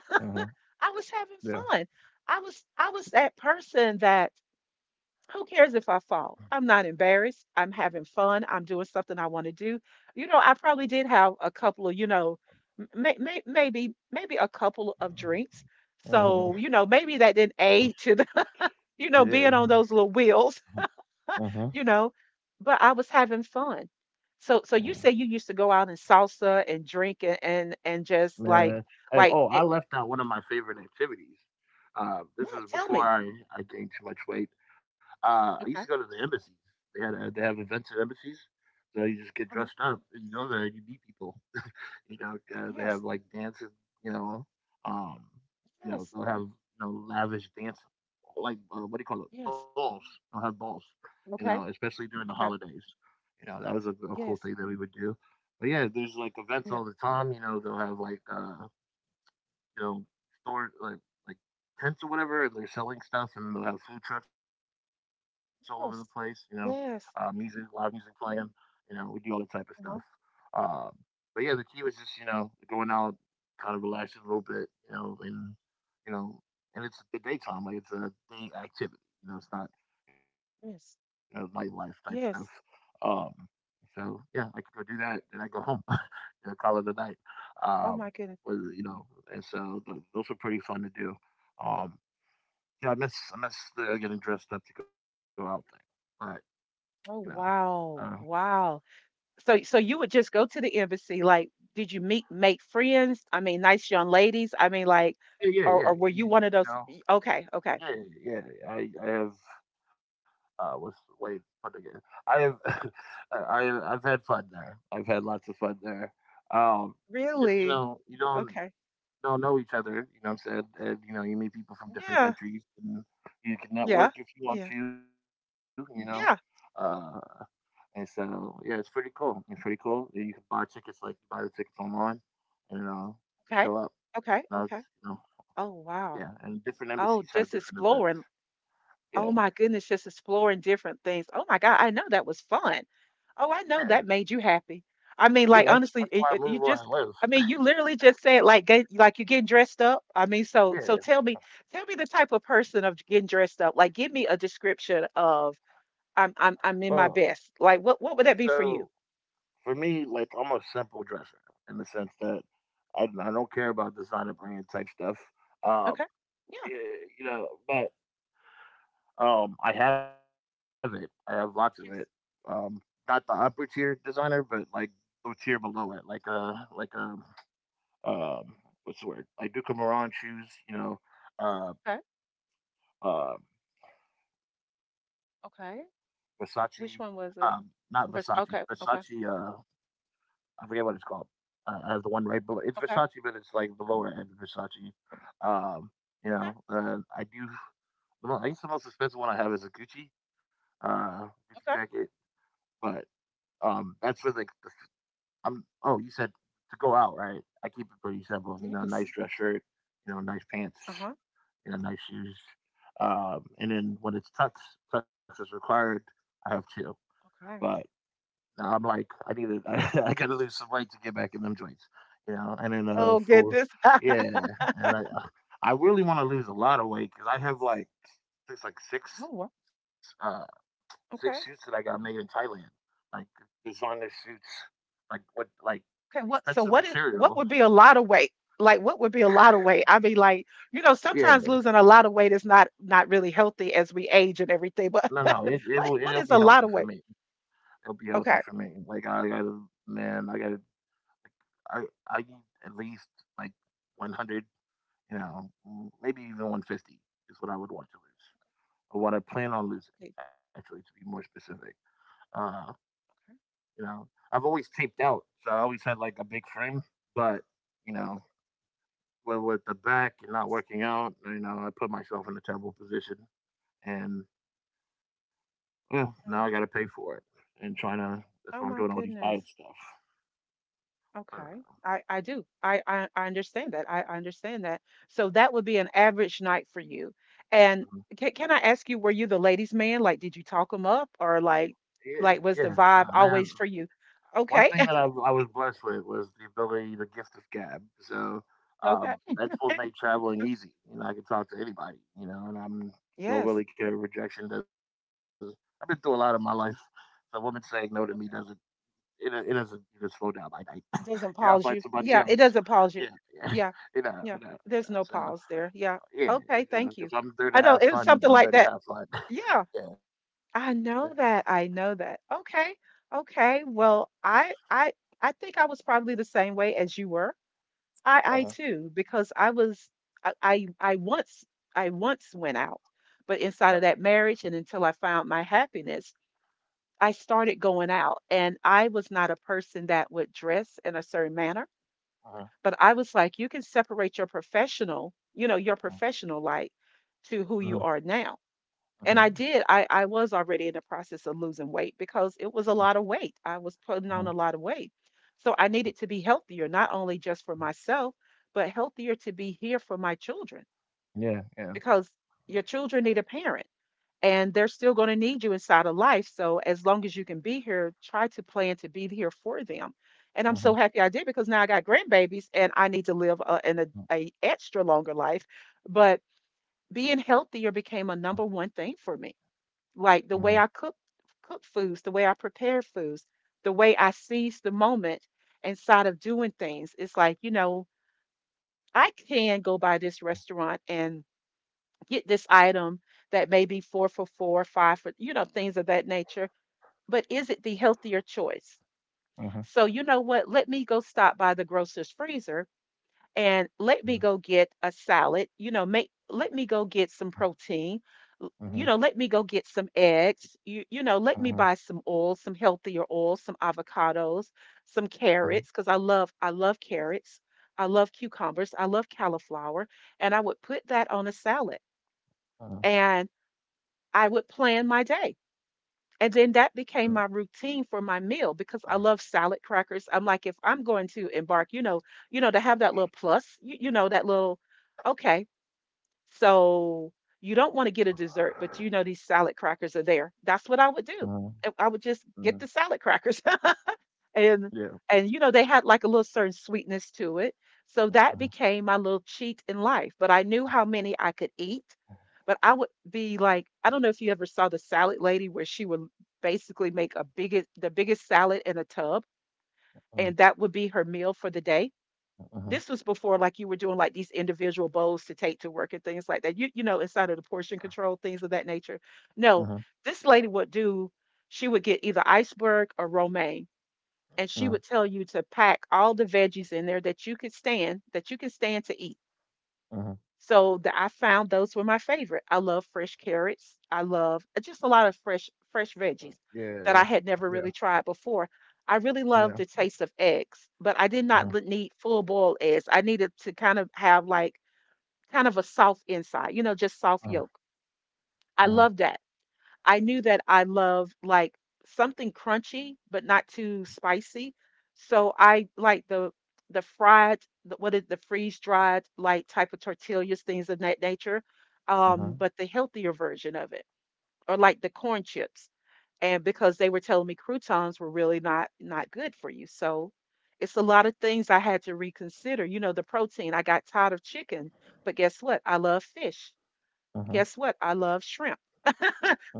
mhm.
I was having
Yeah.
fun. I was that person that, who cares if I fall? I'm not embarrassed. I'm having fun. I'm doing something I want to do. You know, I probably did have a couple of, you know, maybe a couple of drinks. So,
Mhm.
you know, maybe that didn't aid to the, <laughs> you know, being
Yeah.
on those little wheels.
Mhm,
You know, but I was having fun. So, so you
mhm.
say you used to go out and salsa and drink and, and just like
Man, and,
like
oh, I
it,
left out one of my favorite activities. This
what?
is
Tell
before
me.
I gained too much weight. I used to go
Okay.
to the embassies. They have events at embassies, so you just get
Mhm.
dressed up and you go there and you meet people. You know, they
Yes.
have like dances. You know, um, you know
Yes.
they'll have you know lavish dance, like what do you call it?
Yes.
Balls. They'll have balls. You know,
Okay.
especially during the
Okay.
holidays. You know, that was a cool
Yes.
thing that we would do. But yeah, there's like events
Yeah.
all the time. You know, they'll have like you know, store like tents or whatever, and they're selling stuff, and they'll have food trucks all over the place. You know,
Yes.
music, loud music
Yes.
playing. You know, we do all that type of stuff.
Uh-huh.
Um, but yeah, the key was just you know going out, kind of relaxing a little bit. You know, and it's the daytime, like it's a day activity. You know, it's not you know nightlife type
Yes.
stuff. Um,
Yes.
so yeah, I could go do that, and I go home call it a night. Um,
Oh my
was,
goodness.
you know, and so those were pretty fun to do. Um, you know, I miss the getting dressed up to go out thing, but you know,
Oh
uh,
wow. Wow. So, so you would just go to the embassy, like did you meet, make friends? I mean nice young ladies. I mean like,
yeah, yeah, yeah,
or were
you,
you one of
you
those
know,
okay, okay.
yeah, yeah. yeah, I have what's wait put again. I have <laughs> I I've had fun there. I've had lots of fun there. Um, because you
Really?
know you don't
Okay.
don't know each other. You know what I'm saying? And, you know, you meet people from different
Yeah.
countries and you can network
Yeah.
if you want
Yeah.
to, you know. Uh,
Yeah.
and so, yeah, it's pretty cool. It's pretty cool. Yeah, You can buy tickets, like, buy the tickets online and you know. You show up.
Okay.
And I was,
Okay.
you
Okay.
know,
Oh,
yeah,
wow.
and different embassies
Oh,
have
just
different events.
exploring.
Yeah,
Oh, my goodness. Just exploring different things. Oh, my God. I know that was fun. Oh, I
yeah,
know that made you happy. I mean,
yeah,
like,
that's
honestly,
why
it,
I
it-
move
you
where I
just,
live.
I
<laughs>
mean, you literally just said, like, get, like you're getting dressed up. I mean, so, so
Yeah.
tell me the type of person of getting dressed up. Like, give me a description of I'm in
Well,
my best. Like, what would that be for
so
you?
for me, like I'm a simple dresser in the sense that I don't care about designer brand type stuff. Uh,
Okay. Yeah.
Yeah, you know, but I have it. I have lots of it. Um,
Yes.
not the upper tier designer, but like the tier below it, like um, what's the word? Like Duca Moran shoes, you know, uh, uh, Versace,
Okay.
not
Which one
Versace,
was it?
Versace.
Okay, okay,
I forget what it's called. I have the one right below. It's Versace, but it's
okay,
like the lower end of Versace. Um, you know,
okay,
I do. I guess the most expensive one I have is a Gucci, Gucci
okay.
jacket. But, that's where, like, you said to go out, right? I keep it pretty simple, you know,
Yes.
nice dress shirt, you know, nice pants,
Uh-huh.
you know, nice shoes. And then tux is required, I have 2. But
Okay.
now I'm like, I need to <laughs> I gotta lose some weight to get back in them joints, you know? And then,
Oh
for
goodness.
yeah,
<laughs>
and I really wanna lose a lot of weight because I have, like, it's like,
Oh,
6,
wow.
uh
Okay.
six suits that I got made in Thailand. Like designer suits, like
Okay, what so what
expensive
is, what would
material.
be a lot of weight? Like what would be a lot of weight? I mean, like, you know, sometimes
Yeah,
losing a lot of weight is not not really healthy as we age and everything, but
no,
<laughs>
no,
like
it'll
what
be
is a
healthy
lot of
for
weight?
me. It'll be healthy
Okay.
for me. Like I gotta, man, I gotta, I I need at least like 100, you know, maybe even 150 is what I would want to lose, or what I plan on losing. Actually, to be more specific, uh,
Okay.
you know, I've always taped out, so I always had like a big frame, but you know, Well, with the back and not working out, you know, I put myself in a terrible position, and yeah, now
Mm.
I got to pay for it.
Oh
That's why
my
I'm doing all these
goodness.
diet stuff.
Okay.
But,
I do. I understand that. I understand that. So that would be an average night for you. And can
um,
I ask you, were you the ladies' man? Like, did you talk them up, or like was
yeah,
the vibe
yeah,
always
nah,
for you?
man.
Okay. <laughs>
One thing that I was blessed with was the ability, the gift of gab. So
Okay.
that's what
Okay.
made traveling easy. You know, I could talk to anybody. You know, and
Yes.
I'm don't really care. Rejection doesn't. I've been through a lot of my life, so women saying no to me
Okay.
doesn't. It doesn't even slow down my night.
Doesn't pause you.
Yeah, I it's like
Yeah, it
somebody
doesn't
else.
pause you.
Yeah,
Yeah.
yeah.
Yeah.
<laughs> You know,
There's
no, no.
no pause there.
So
Yeah. Okay.
yeah,
Thank you.
so
I
if
know it
I'm
was
there to
something
have
like that.
fun, I'm there to have
Yeah.
fun. <laughs> yeah.
I know that. I know that. Okay. Okay. Well, I think I was probably the same way as you were. I too,
Uh-huh.
because I was I once I once went out, but inside of that marriage and
Yeah.
until I found my happiness, I started going out and I was not a person that would dress in a certain manner, but I was
Uh-huh.
like, you can separate your professional, you know, your professional life
Uh-huh.
to who you are now.
Uh-huh.
And I did. I
Uh-huh.
I was already in the process of losing weight because it was a lot of weight. I was putting on a lot of weight.
uh-huh.
So I needed to be healthier, not only just for myself, but healthier to be here for my children because
Yeah. Yeah.
your children need a parent and they're still going to need you inside of life. So as long as you can be here, try to plan to be here for them. And I'm so happy I did
Uh-huh.
because now I got grandbabies and I need to live a, an a extra longer life. But being healthier became a number one thing for me, like the way I
Uh-huh.
cook
Uh-huh.
cook foods, the way I prepare foods, the way I seize the moment inside of doing things. It's like, you know, I can go by this restaurant and get this item that may be four for four, five for, you know, things of that nature. But is it the healthier choice? So, you know
Uh-huh.
what? Let me go stop by the grocer's freezer and let me go get a salad, you know, make, let me go get some protein, l- you know, let me go
Uh-huh.
get some eggs, you know, let me buy some
Uh-huh.
oil, some healthier oil, some avocados, some carrots, because i
Uh-huh.
love i love carrots, I love cucumbers, I love cauliflower, and I would put that on a salad, and
Uh-huh.
I would plan my day, and then that became my
Uh-huh.
routine for my meal because I love salad crackers. I'm like, if I'm going to embark, you know, to have that little plus, you know, that little, okay, so you don't want to get a dessert, but you know, these salad crackers are there. That's what I would do. I
Uh-huh.
I would just get the
Uh-huh.
salad crackers. <laughs> and
Yeah.
and you know they had like a little certain sweetness to it, so that became my
Uh-huh.
little cheat in life, but I knew how many I could eat. But I would be like, I don't know if you ever saw the salad lady, where she would basically make a biggest the biggest salad in a tub, and that would
Uh-huh.
be her meal for the day. This was
Uh-huh.
before like you were doing like these individual bowls to take to work and things like that, you know, inside of the portion control, things of that nature. No, this
Uh-huh.
lady would do, she would get either iceberg or romaine, and she would tell
Uh-huh.
you to pack all the veggies in there that you could stand, that you can stand to eat.
Uh-huh.
So the, I found those were my favorite. I love fresh carrots. I love just a lot of fresh veggies that I had
Yeah.
never really
Yeah.
tried before. I really love the
Yeah.
taste of eggs, but I did not l- need
Uh-huh.
full boiled eggs. I needed to kind of have like kind of a soft inside, you know, just soft yolk.
Uh-huh.
I love that.
Uh-huh.
I knew that I love like something crunchy but not too spicy. So I like the fried, the, what is the freeze dried like type of tortillas, things of that nature, but the
Uh-huh.
healthier version of it, or like the corn chips. And because they were telling me croutons were really not not good for you, so it's a lot of things I had to reconsider. You know, the protein. I got tired of chicken, but guess what? I love fish. Guess what?
Uh-huh.
I love shrimp.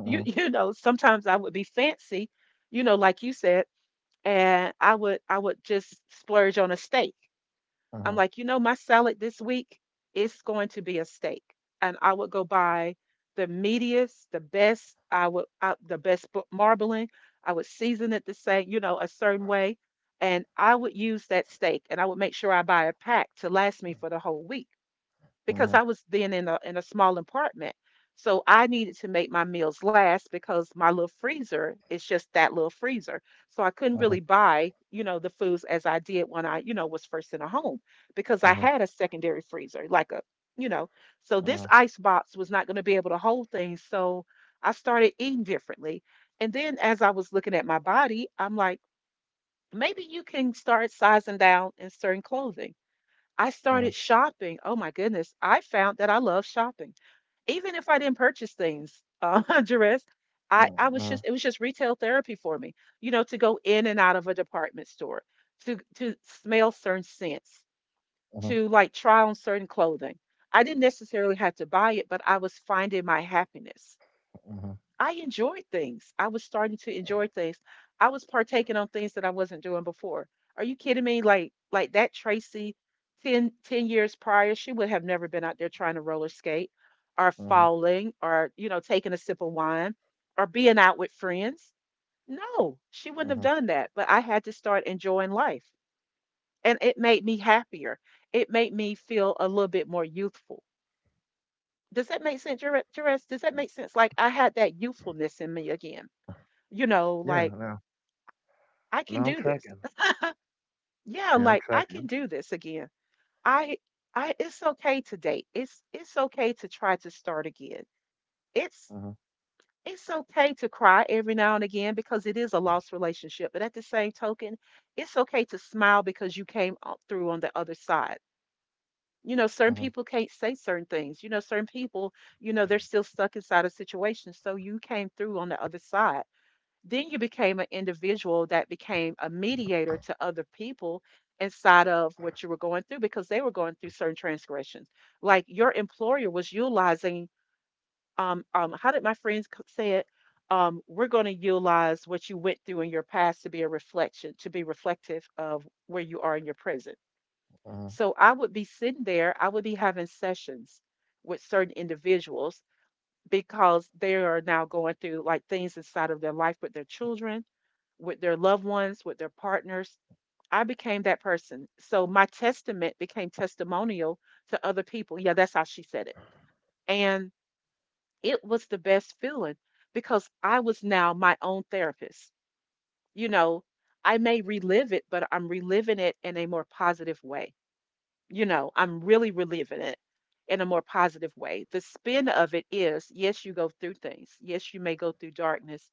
You <laughs> you know,
Uh-huh.
sometimes I would be fancy, you know, like you said, and I would just splurge on a steak. I'm like, you know, my salad this week, it's going to be a steak. And I would go buy the meatiest, the best, I, the best bu- marbling, I would season it the same, you know, a certain way, and I would use that steak, and I would make sure I buy a pack to last me for the whole week, because I was then in a small apartment. So I needed to make my meals last because my little freezer is just that little freezer. So I couldn't really
Uh-huh.
buy, you know, the foods as I did when I, you know, was first in a home because I had a
Uh-huh.
secondary freezer, like a, you know, so this ice
Mhm,
box was not going to be able to hold things. So I started eating differently. And then as I was looking at my body, I'm like, maybe you can start sizing down in certain clothing. I started
mhm,
shopping. Oh my goodness. I found that I love shopping. Even if I didn't purchase things, <laughs> Jerez, I was
mhm,
just, it was just retail therapy for me, you know, to go in and out of a department store, to smell certain scents, to
mhm,
like
mhm,
try on certain clothing. I didn't necessarily have to buy it, but I was finding my happiness.
mhm,
I enjoyed things. I was starting to enjoy things. I was partaking on things that I wasn't doing before. Are you kidding me? Like that Tracy, ten years prior, she would have never been out there trying to roller skate or
mhm,
falling or, you know, taking a sip of wine or being out with friends.
mhm,
No, she wouldn't have done that. But I had to start enjoying life. And it made me happier. It made me feel a little bit more youthful. Does that make sense, Jerez? Does that make
mm.
sense? Like I had that youthfulness in me again, you know,
Yeah,
like
no,
I
no,
can
I'm
do this.
tracking.
Yeah, like
Yeah, I'm
I can do
tracking.
this again. I i it's okay to date. It's okay to try to start again. it's
Mhm,
it's okay to cry every now and again because it is a lost relationship, but at the same token, it's okay to smile because you came up through on the other side. You know,
mhm,
certain people can't say certain things, you know, certain people, you know, they're still stuck inside a situation, so you came through on the other side. Then you became an individual that became a mediator to other people, inside of what you were going through because they were going through certain transgressions. Like your employer was utilizing, how did my friends c- say it? We're going to utilize what you went through in your past to be a reflection, to be reflective of where you are in your present. So
mhm,
I would be sitting there, I would be having sessions with certain individuals because they are now going through like things inside of their life with their children, with their loved ones, with their partners. I became that person. So my testament became testimonial to other people. Yeah, that's how she said it. And it was the best feeling because I was now my own therapist. You know, I may relive it, but I'm reliving it in a more positive way. You know, I'm really reliving it in a more positive way. The spin of it is yes, you go through things. Yes, you may go through darkness,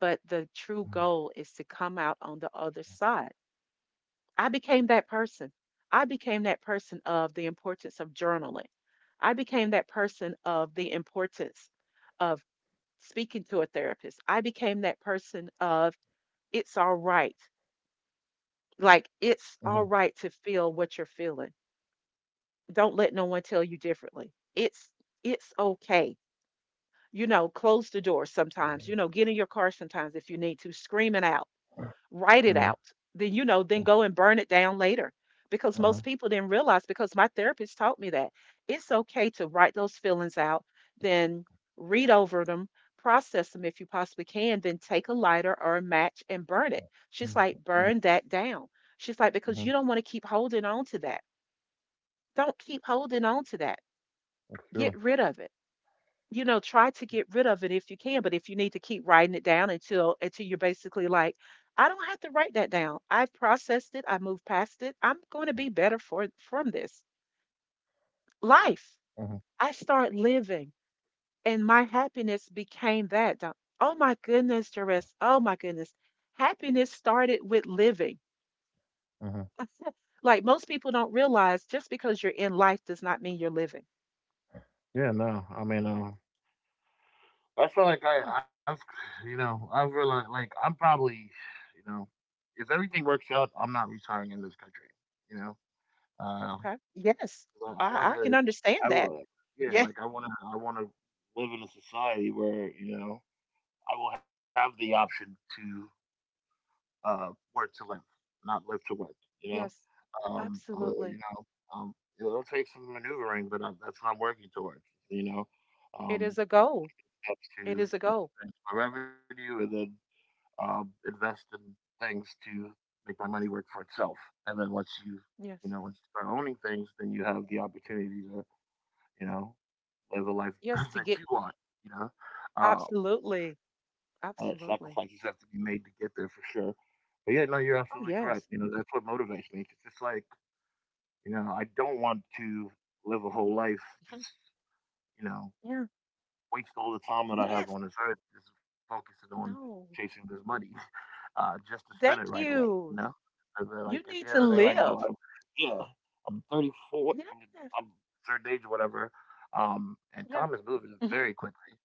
but the true goal is to come out on the other side. I became that person. I became that person of the importance of journaling. I became that person of the importance of speaking to a therapist. I became that person of it's all right. Like,
mhm,
it's all right to feel what you're feeling. Don't let no one tell you differently. It's okay. You know, close the door sometimes. You know, get in your car sometimes if you need to. Scream it out. Write it
mhm,
out. Then you know, then
mm,
go and burn it down later. Because most
mhm,
people didn't realize because my therapist taught me that. It's okay to write those feelings out, then read over them, process them if you possibly can, then take a lighter or a match and burn it.
mm,
She's like,
mhm,
burn that down. She's like, because
mhm,
you don't want to keep holding on to that. Don't keep holding on to that, get
Sure.
rid of it. You know, try to get rid of it if you can, but if you need to keep writing it down until you're basically like, I don't have to write that down. I've processed it, I moved past it. I'm going to be better for from this. Life.
Mhm,
I start living and my happiness became that. Oh my goodness, Jerris. Oh my goodness. Happiness started with living.
mhm.
Like most people don't realize just because you're in life does not mean you're living.
Yeah, no, I mean,
Hmm.
I've, you know, I've realized, like, I'm probably, you know, if everything works out, I'm not retiring in this country. You know, uh,
Okay. Yes.
'Cause I
I,
wanna
I can understand
I
that.
will yeah,
Yeah.
like, I wanna live in a society where, you know, I will have the option to, uh, work to live, not live to work, you know?
Yes,
Um, uh, you
absolutely.
know, um, it'll take some maneuvering, but, that's not working to work, you know?
It is
Um,
a goal.
that's to,
It is a
you know,
goal.
advance my revenue and then, invest in things to make my money work for itself, and then once you
Yes.
you know, once you start owning things, then you have the opportunity to, you know, live a life <laughs>
Yes, to
that
get
you want, you know. Um,
absolutely.
and sacrifices
Absolutely.
have to be made to get there for sure. But yeah, no, you're
Oh,
absolutely correct.
yes.
You know, that's what motivates me, 'cause it's like, you know, I don't want to live a whole life
Mhm.
just, you know,
Yeah.
waste all the time that I have
Yes.
on this earth just focusing on
No.
chasing this money, just to spend it right
Thank
away, you know?
you.
'Cause they're like,
You
at the
need
end
to
of the day, like, I'm,
live.
I'm- yeah, I'm 34,
Yes.
I'm certain age or whatever, and
Yeah.
time is moving
Mhm.
very quickly,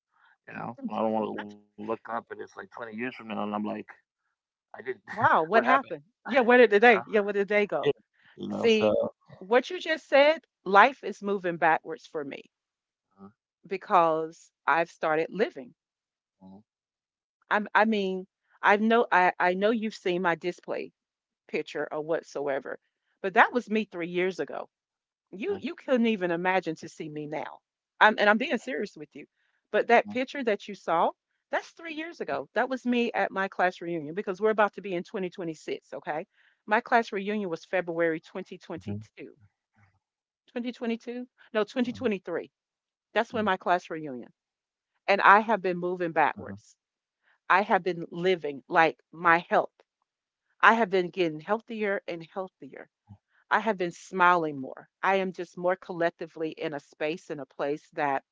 you know? I don't want to
<laughs>
look up and it's like 20 years from now and I'm like, I didn't, <laughs>
Wow,
what
what
happened,
happened? Yeah, where did the
you know?
day? Yeah, where did the day go?
Yeah, you know,
See,
so.
what you just said, life is moving backwards for me because I've started living.
Mhm,
I mean, I know you've seen my display picture or whatsoever, but that was me 3 years ago. You
mhm,
you couldn't even imagine to see me now. I'm being serious with you. But that picture that you saw, that's 3 years ago. That was me at my class reunion because we're about to be in 2026, okay? My class
mhm,
reunion was February 2022.
mhm,
2022? No, 2023. That's when my class reunion. And
mhm,
I have been moving backwards. I have been living like my health. I have been getting healthier and healthier. I have been smiling more. I am just more collectively in a space and a place that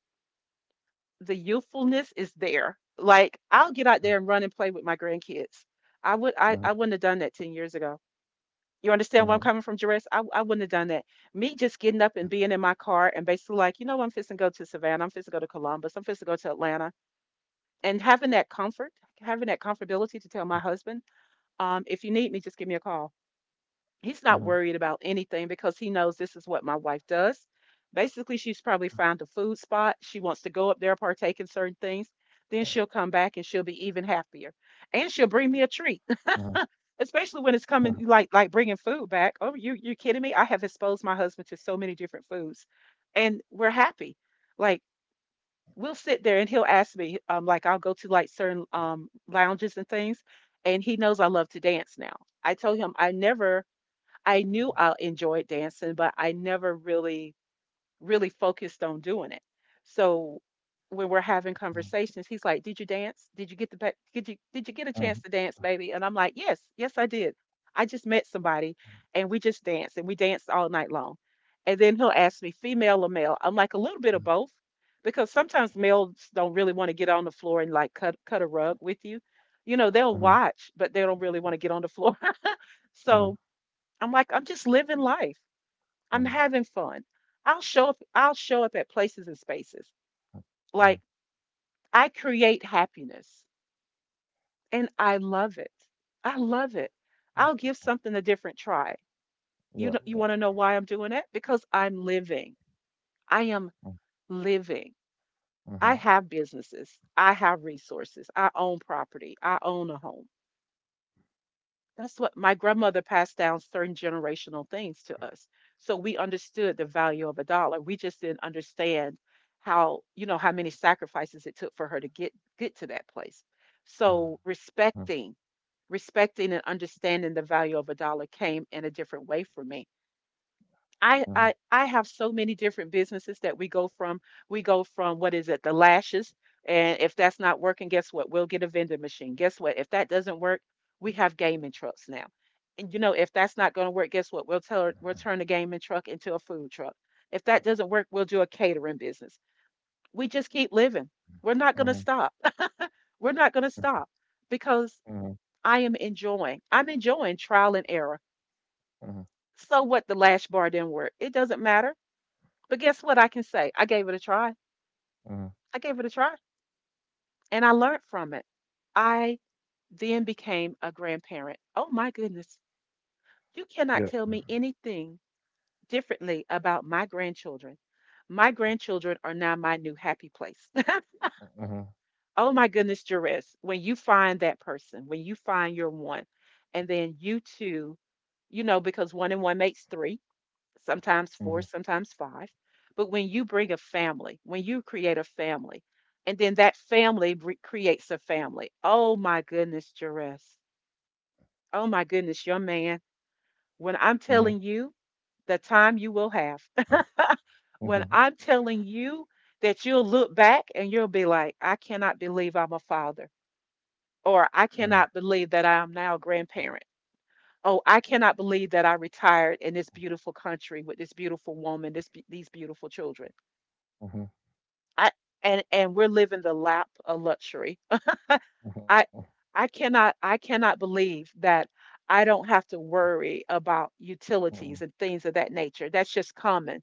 the youthfulness is there. Like I'll get out there and run and play with my grandkids. I would
mhm,
I, I wouldn't have done that 10 years ago. You
mhm, mhm,
understand
mhm,
where I'm coming from, Jerez? I wouldn't have done that. Me just getting up and being in my car and basically like, you know, I'm fixing to go to Savannah, I'm fixing to go to Columbus, I'm fixing to go to Atlanta. And having that comfort, having that comfortability to tell my husband, if you need me, just give me a call.
mhm,
He's not worried about anything because he knows this is what my wife does. Basically, she's probably found a food spot. She wants to go up there, partake in certain things. Then she'll come back and she'll be even happier. And she'll bring
mhm,
me a treat, <laughs>
mhm,
especially when it's coming like bringing food back. Oh, you're kidding me? I have exposed my husband to so many different foods, and we're happy. Like we'll sit there and he'll ask me, like I'll go to like certain lounges and things, and he knows I love to dance now. I told him I never I knew I enjoyed dancing, but I never really, really focused on doing it. So when
mhm,
we're having conversations, he's like, "Did you dance?
mhm,
Did you get a chance to dance, baby?" And I'm like, "Yes, yes, I did. I just met somebody, and we just danced, and we danced all night long." And then he'll ask me, "Female or male?" I'm like,
mhm,
"A little bit of both," because sometimes males don't really want to get on the floor and like cut a rug with you. You know, they'll watch, but they don't really want to get on the floor. <laughs>
mhm, mhm,
So I'm like, I'm just living life.
mhm,
I'm having fun. I'll show up at places and spaces.
mhm.
Like I create happiness and I love it. I love it. I'll give something a different try.
Yeah,
You know, you
yeah.
want to know why I'm doing it? Because I'm living. I am
Mhm,
living. I
mhm,
have businesses. I have resources. I own property. I own a home. That's what my grandmother passed down certain generational things to us. So we understood the value of a dollar. We just didn't understand how, you know, how many sacrifices it took for her to get to that place.
mhm.
So respecting, respecting and understanding the value of a dollar came in a different way for me.
Mhm,
I have so many different businesses that we go from. We go from what is it, the lashes, and if that's not working, guess what? We'll get a vending machine. Guess what? If that doesn't work, we have gaming trucks now. And you know, if that's not going to work, guess what? We'll turn the gaming truck into a food truck. If that doesn't work, we'll do a catering business. We just keep living. We're not going to
mhm,
stop. <laughs> We're not going to stop because
mhm,
I am enjoying. I'm enjoying trial and error.
mhm,
So what? The lash bar didn't work. It doesn't matter. But guess what I can say? I gave it a try.
mhm.
I gave it a try and I learned from it. I then became a grandparent. Oh my goodness. You cannot
Yeah.
tell me anything differently about my grandchildren. My grandchildren are now my new happy place. <laughs>
Mhm,
Oh my goodness, Jerez, when you find that person, when you find your one, and then you two, you know, because one and one makes three, sometimes
mhm,
four, sometimes five. But when you bring a family, when you create a family, and then that creates a family. Oh my goodness, Jerez. Oh my goodness, young man. When I'm
mhm,
telling you the time you will have, <laughs> when I'm
mhm,
telling you that you'll look back and you'll be like, I cannot believe I'm a father, or I
mhm,
cannot believe that I am now a grandparent. Oh, I cannot believe that I retired in this beautiful country with this beautiful woman, these beautiful children.
mhm,
I and we're living the lap of luxury. I
mhm,
I cannot believe that I don't have to worry about utilities and
mhm,
things of that nature. That's just common.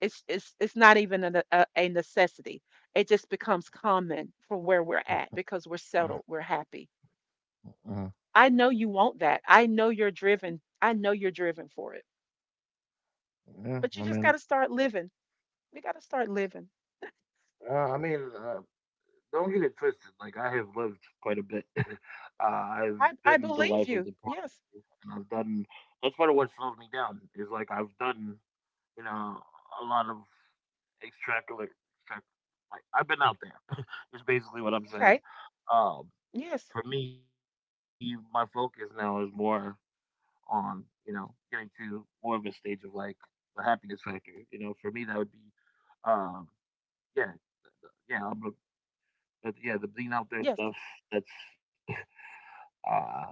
It's not even a necessity. It just becomes common for where we're at because we're settled, we're happy.
mhm.
I know you want that. I know you're driven. I know you're driven for it.
Yeah,
But
I
you just got
mean,
to start living. We got to start living.
uh, I mean, uh, don't get it twisted. Like I have lived quite a bit. <laughs> I've
I
been the
believe
life of
you.
the
Yes.
party, and I've done. That's part of what slows me down. Is like I've done, you know, a lot of extracurricular. extrac- Like I've been out there. <laughs> Is basically what I'm
Okay.
saying. Um,
Yes.
for me, my focus now is more on, you know, getting to more of a stage of like the happiness factor. You know, for me, that would be, um, yeah, yeah, I'm a, but yeah, the being out there
Yes.
stuff. That's uh,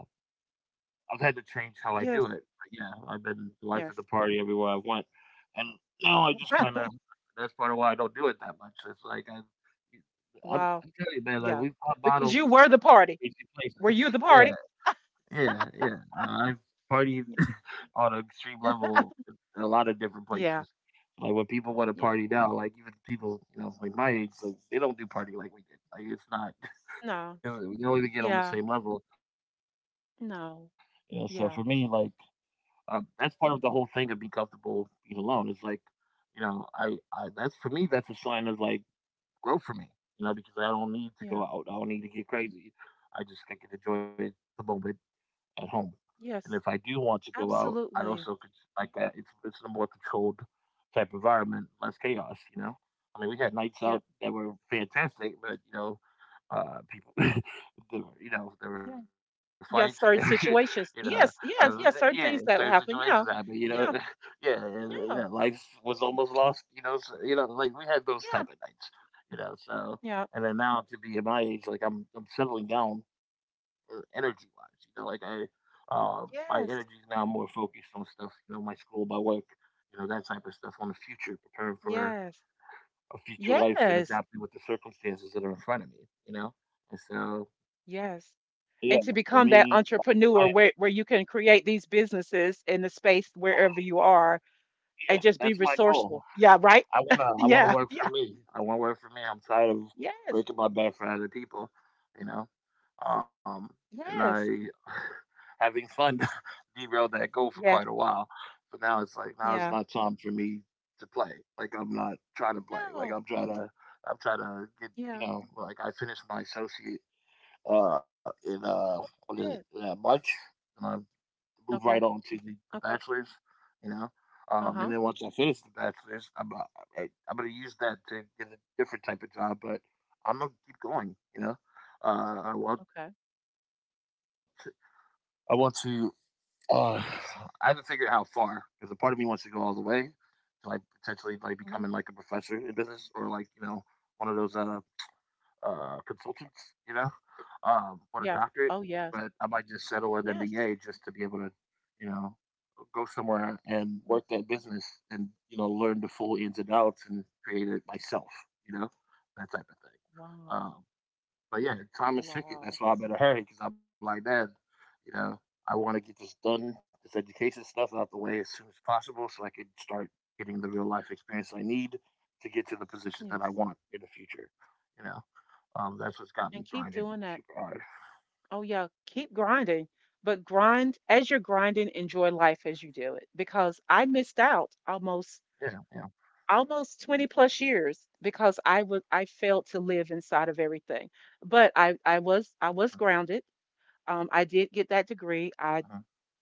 I've had to change how I
Yes.
do it. But yeah, I've been the life of
Yes.
the party everywhere I went, and now I just
<laughs>
kind of that's part of why I don't do it that much. It's like I, I'm,
Wow.
I'm telling you, man, like
Yeah.
we pop
Because
bottles
you were the
in some
party.
crazy places.
Were
<laughs>
you the
Yeah,
party?
yeah, yeah. I've partied
Y-
on an extreme level in a lot of different
Yeah.
places. Like when people want to
Yeah.
party now, like even people you know like my age, like they don't do party like we did. Like it's not, <laughs> you
No.
know, we don't even get on the same
Yeah.
level. You know, so for me, like
No.
that's
Yeah.
part of the whole thing of being comfortable being alone. It's like, you know, I that's for me that's a sign of like growth for me. You know, because I don't need to go out. I don't need to
Yeah.
get crazy. I can enjoy the moment at home. And if I do want to
Yes.
go out, I also could like
Absolutely.
that. It's a more controlled type environment, less chaos. You know, I mean, we had nights out
Yep.
that were fantastic, but you know, people, <laughs> there were, you know, there were
Yeah.
fights. <laughs> There were,
Yeah.
you
Certain
know,
situations.
uh,
Yes.
yeah,
Yes.
certain
Yes. Certain things
situations
that
happened.
happen.
You know,
Yeah.
<laughs>
Yeah.
yeah, and, yeah, life
Yeah.
was almost lost. You know, so, you know, like we had those type of
Yeah.
nights. You know, so and
Yeah.
then now to be at my age, like I'm settling down energy wise. You know, my energy is now
Yes.
more focused on stuff. You know, my school, my work. You know, that type of stuff on the future, preparing for
Yes.
a future life and
Yes.
adapting with the circumstances that are in front of me, you know? And so,
Yes.
yeah,
And
for
to
me,
become that
that's my
entrepreneur where you can create these businesses in the space wherever you are and
yeah,
just be
that's my
resourceful.
goal.
Yeah, right?
I
<laughs>
wanna I wanna
Yeah,
work for
yeah.
me. I wanna work for me. I'm tired of
Yes,
breaking my back for other people, you know? Um, and I
yes,
<sighs> <laughs> having fun <laughs> derailed that goal for quite a
yes,
while. But now it's like now it's
yeah.
not time for me to play. Like I'm not trying to play. Like
No,
I'm trying to get
yeah.
you know like I finished my associate in
Oh,
what is it?
good.
Yeah, March, and I move right
Okay,
on to the
okay.
Bachelor's, you know. And
Uh-huh.
then once I finish the Bachelor's, I'm gonna use that to get a different type of job, but I'm gonna keep going, you know. I want
Okay.
to, I want to. Uh, I haven't figured out how far because a part of me wants to go all the way to like potentially like becoming like a professor
Hmm.
in business or like you know one of those consultants, you know, want a doctorate,
Yes. Oh,
but I
yes.
might just settle an MBA
Yes.
just to be able to, you know, go somewhere and work
Yes.
that business and you know learn the full ins and outs and create it myself. You know, that type of thing.
Wow.
Um, but yeah, time is ticking.
Wow.
That's why I'm in a hurry because I'm like, man, you know, I want to get this done, this education stuff out the way as soon as possible, so I can start getting the real life experience I need to get to the position that
Yes.
I want in the future. You know, that's what's
And
got me
keep doing
grinding
that.
super hard.
Oh, yeah. Keep grinding. But grind as you're grinding, enjoy life as you do it because I missed
Yeah,
out
yeah.
almost almost 20 plus years because I was I failed to live inside of everything. But I I
Uh-huh.
was I was grounded. I did
Uh-huh.
get that degree. I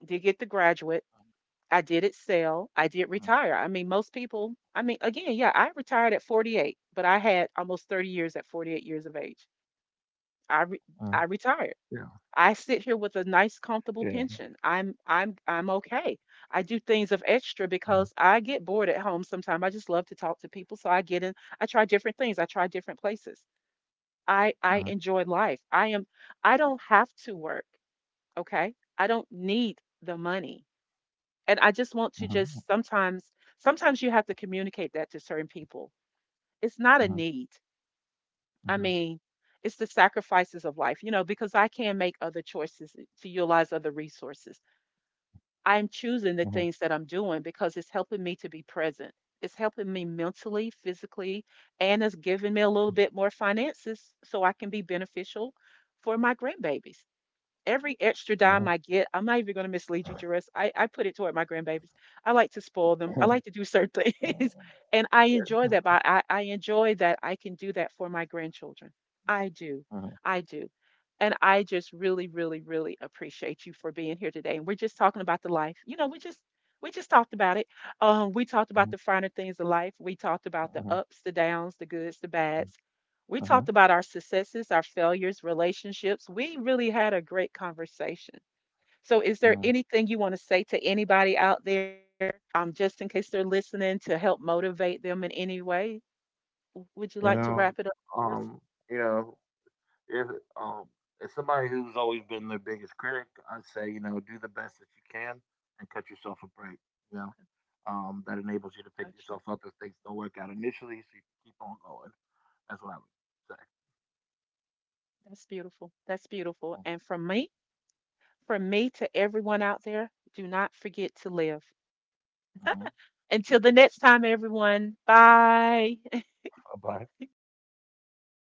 did get the graduate. I did excel. I did retire. I mean, most people. I mean, again, yeah, I retired at 48, but I had almost 30 years at 48 years of age.
Uh-huh.
I re- I retired. I sit here with a
Uh-huh.
nice comfortable pension. I'm okay. I do things of
Uh
extra because I get bored at home sometimes. I just love to talk to people, so I get in I try different things. I try different places. I enjoy life. I am I don't have to work, okay? I don't need the money. And I just
mhm,
want to just sometimes sometimes you have to communicate that to certain people. It's not
mhm,
a need.
mhm,
I mean, it's the sacrifices of life, you know, because I can make other choices to utilize other resources.
mhm,
I'm choosing the things that I'm doing because it's helping me to be present. It's helping me mentally, physically, and it's giving me a little bit more finances so I can be beneficial for my grandbabies. Every
mhm.
extra dime I get, I'm not even going to mislead you, Jerris. I put it toward my grandbabies. I like to spoil them. I like to do
Yeah, yeah. Uh huh. Huh. Uh huh. Uh huh. Uh
certain
huh.
<laughs>
Uh
things.
huh. <laughs>
And I enjoy that. But I enjoy that I can do that for my grandchildren. I do. I do. And I just really, really, really appreciate you for being here today. And we're just talking about the life. You know, we just talked about it. We talked about the finer things of life. We talked about the ups, the downs, the goods, the bads.
Yeah. Uh uh huh. Huh. Huh.
We
Uh huh.
talked about our successes, our failures, relationships. We really had a great conversation. So, is
Uh
there
huh.
anything you want to say to anybody out there, just in case they're listening, to help motivate them in any way? Would you like to
You
wrap it up
know,
for us?
um, you know, if um, as somebody who's always been their biggest critic, I'd say you know, do the best that you can and cut yourself a break.
Okay,
You know, that enables you to pick
gotcha.
yourself up if things don't work out initially, so you can keep on going. That's what I would say.
That's beautiful. That's beautiful. And from me to everyone out there, do not forget to live. Until the next time, everyone. Bye.
Mm-hmm.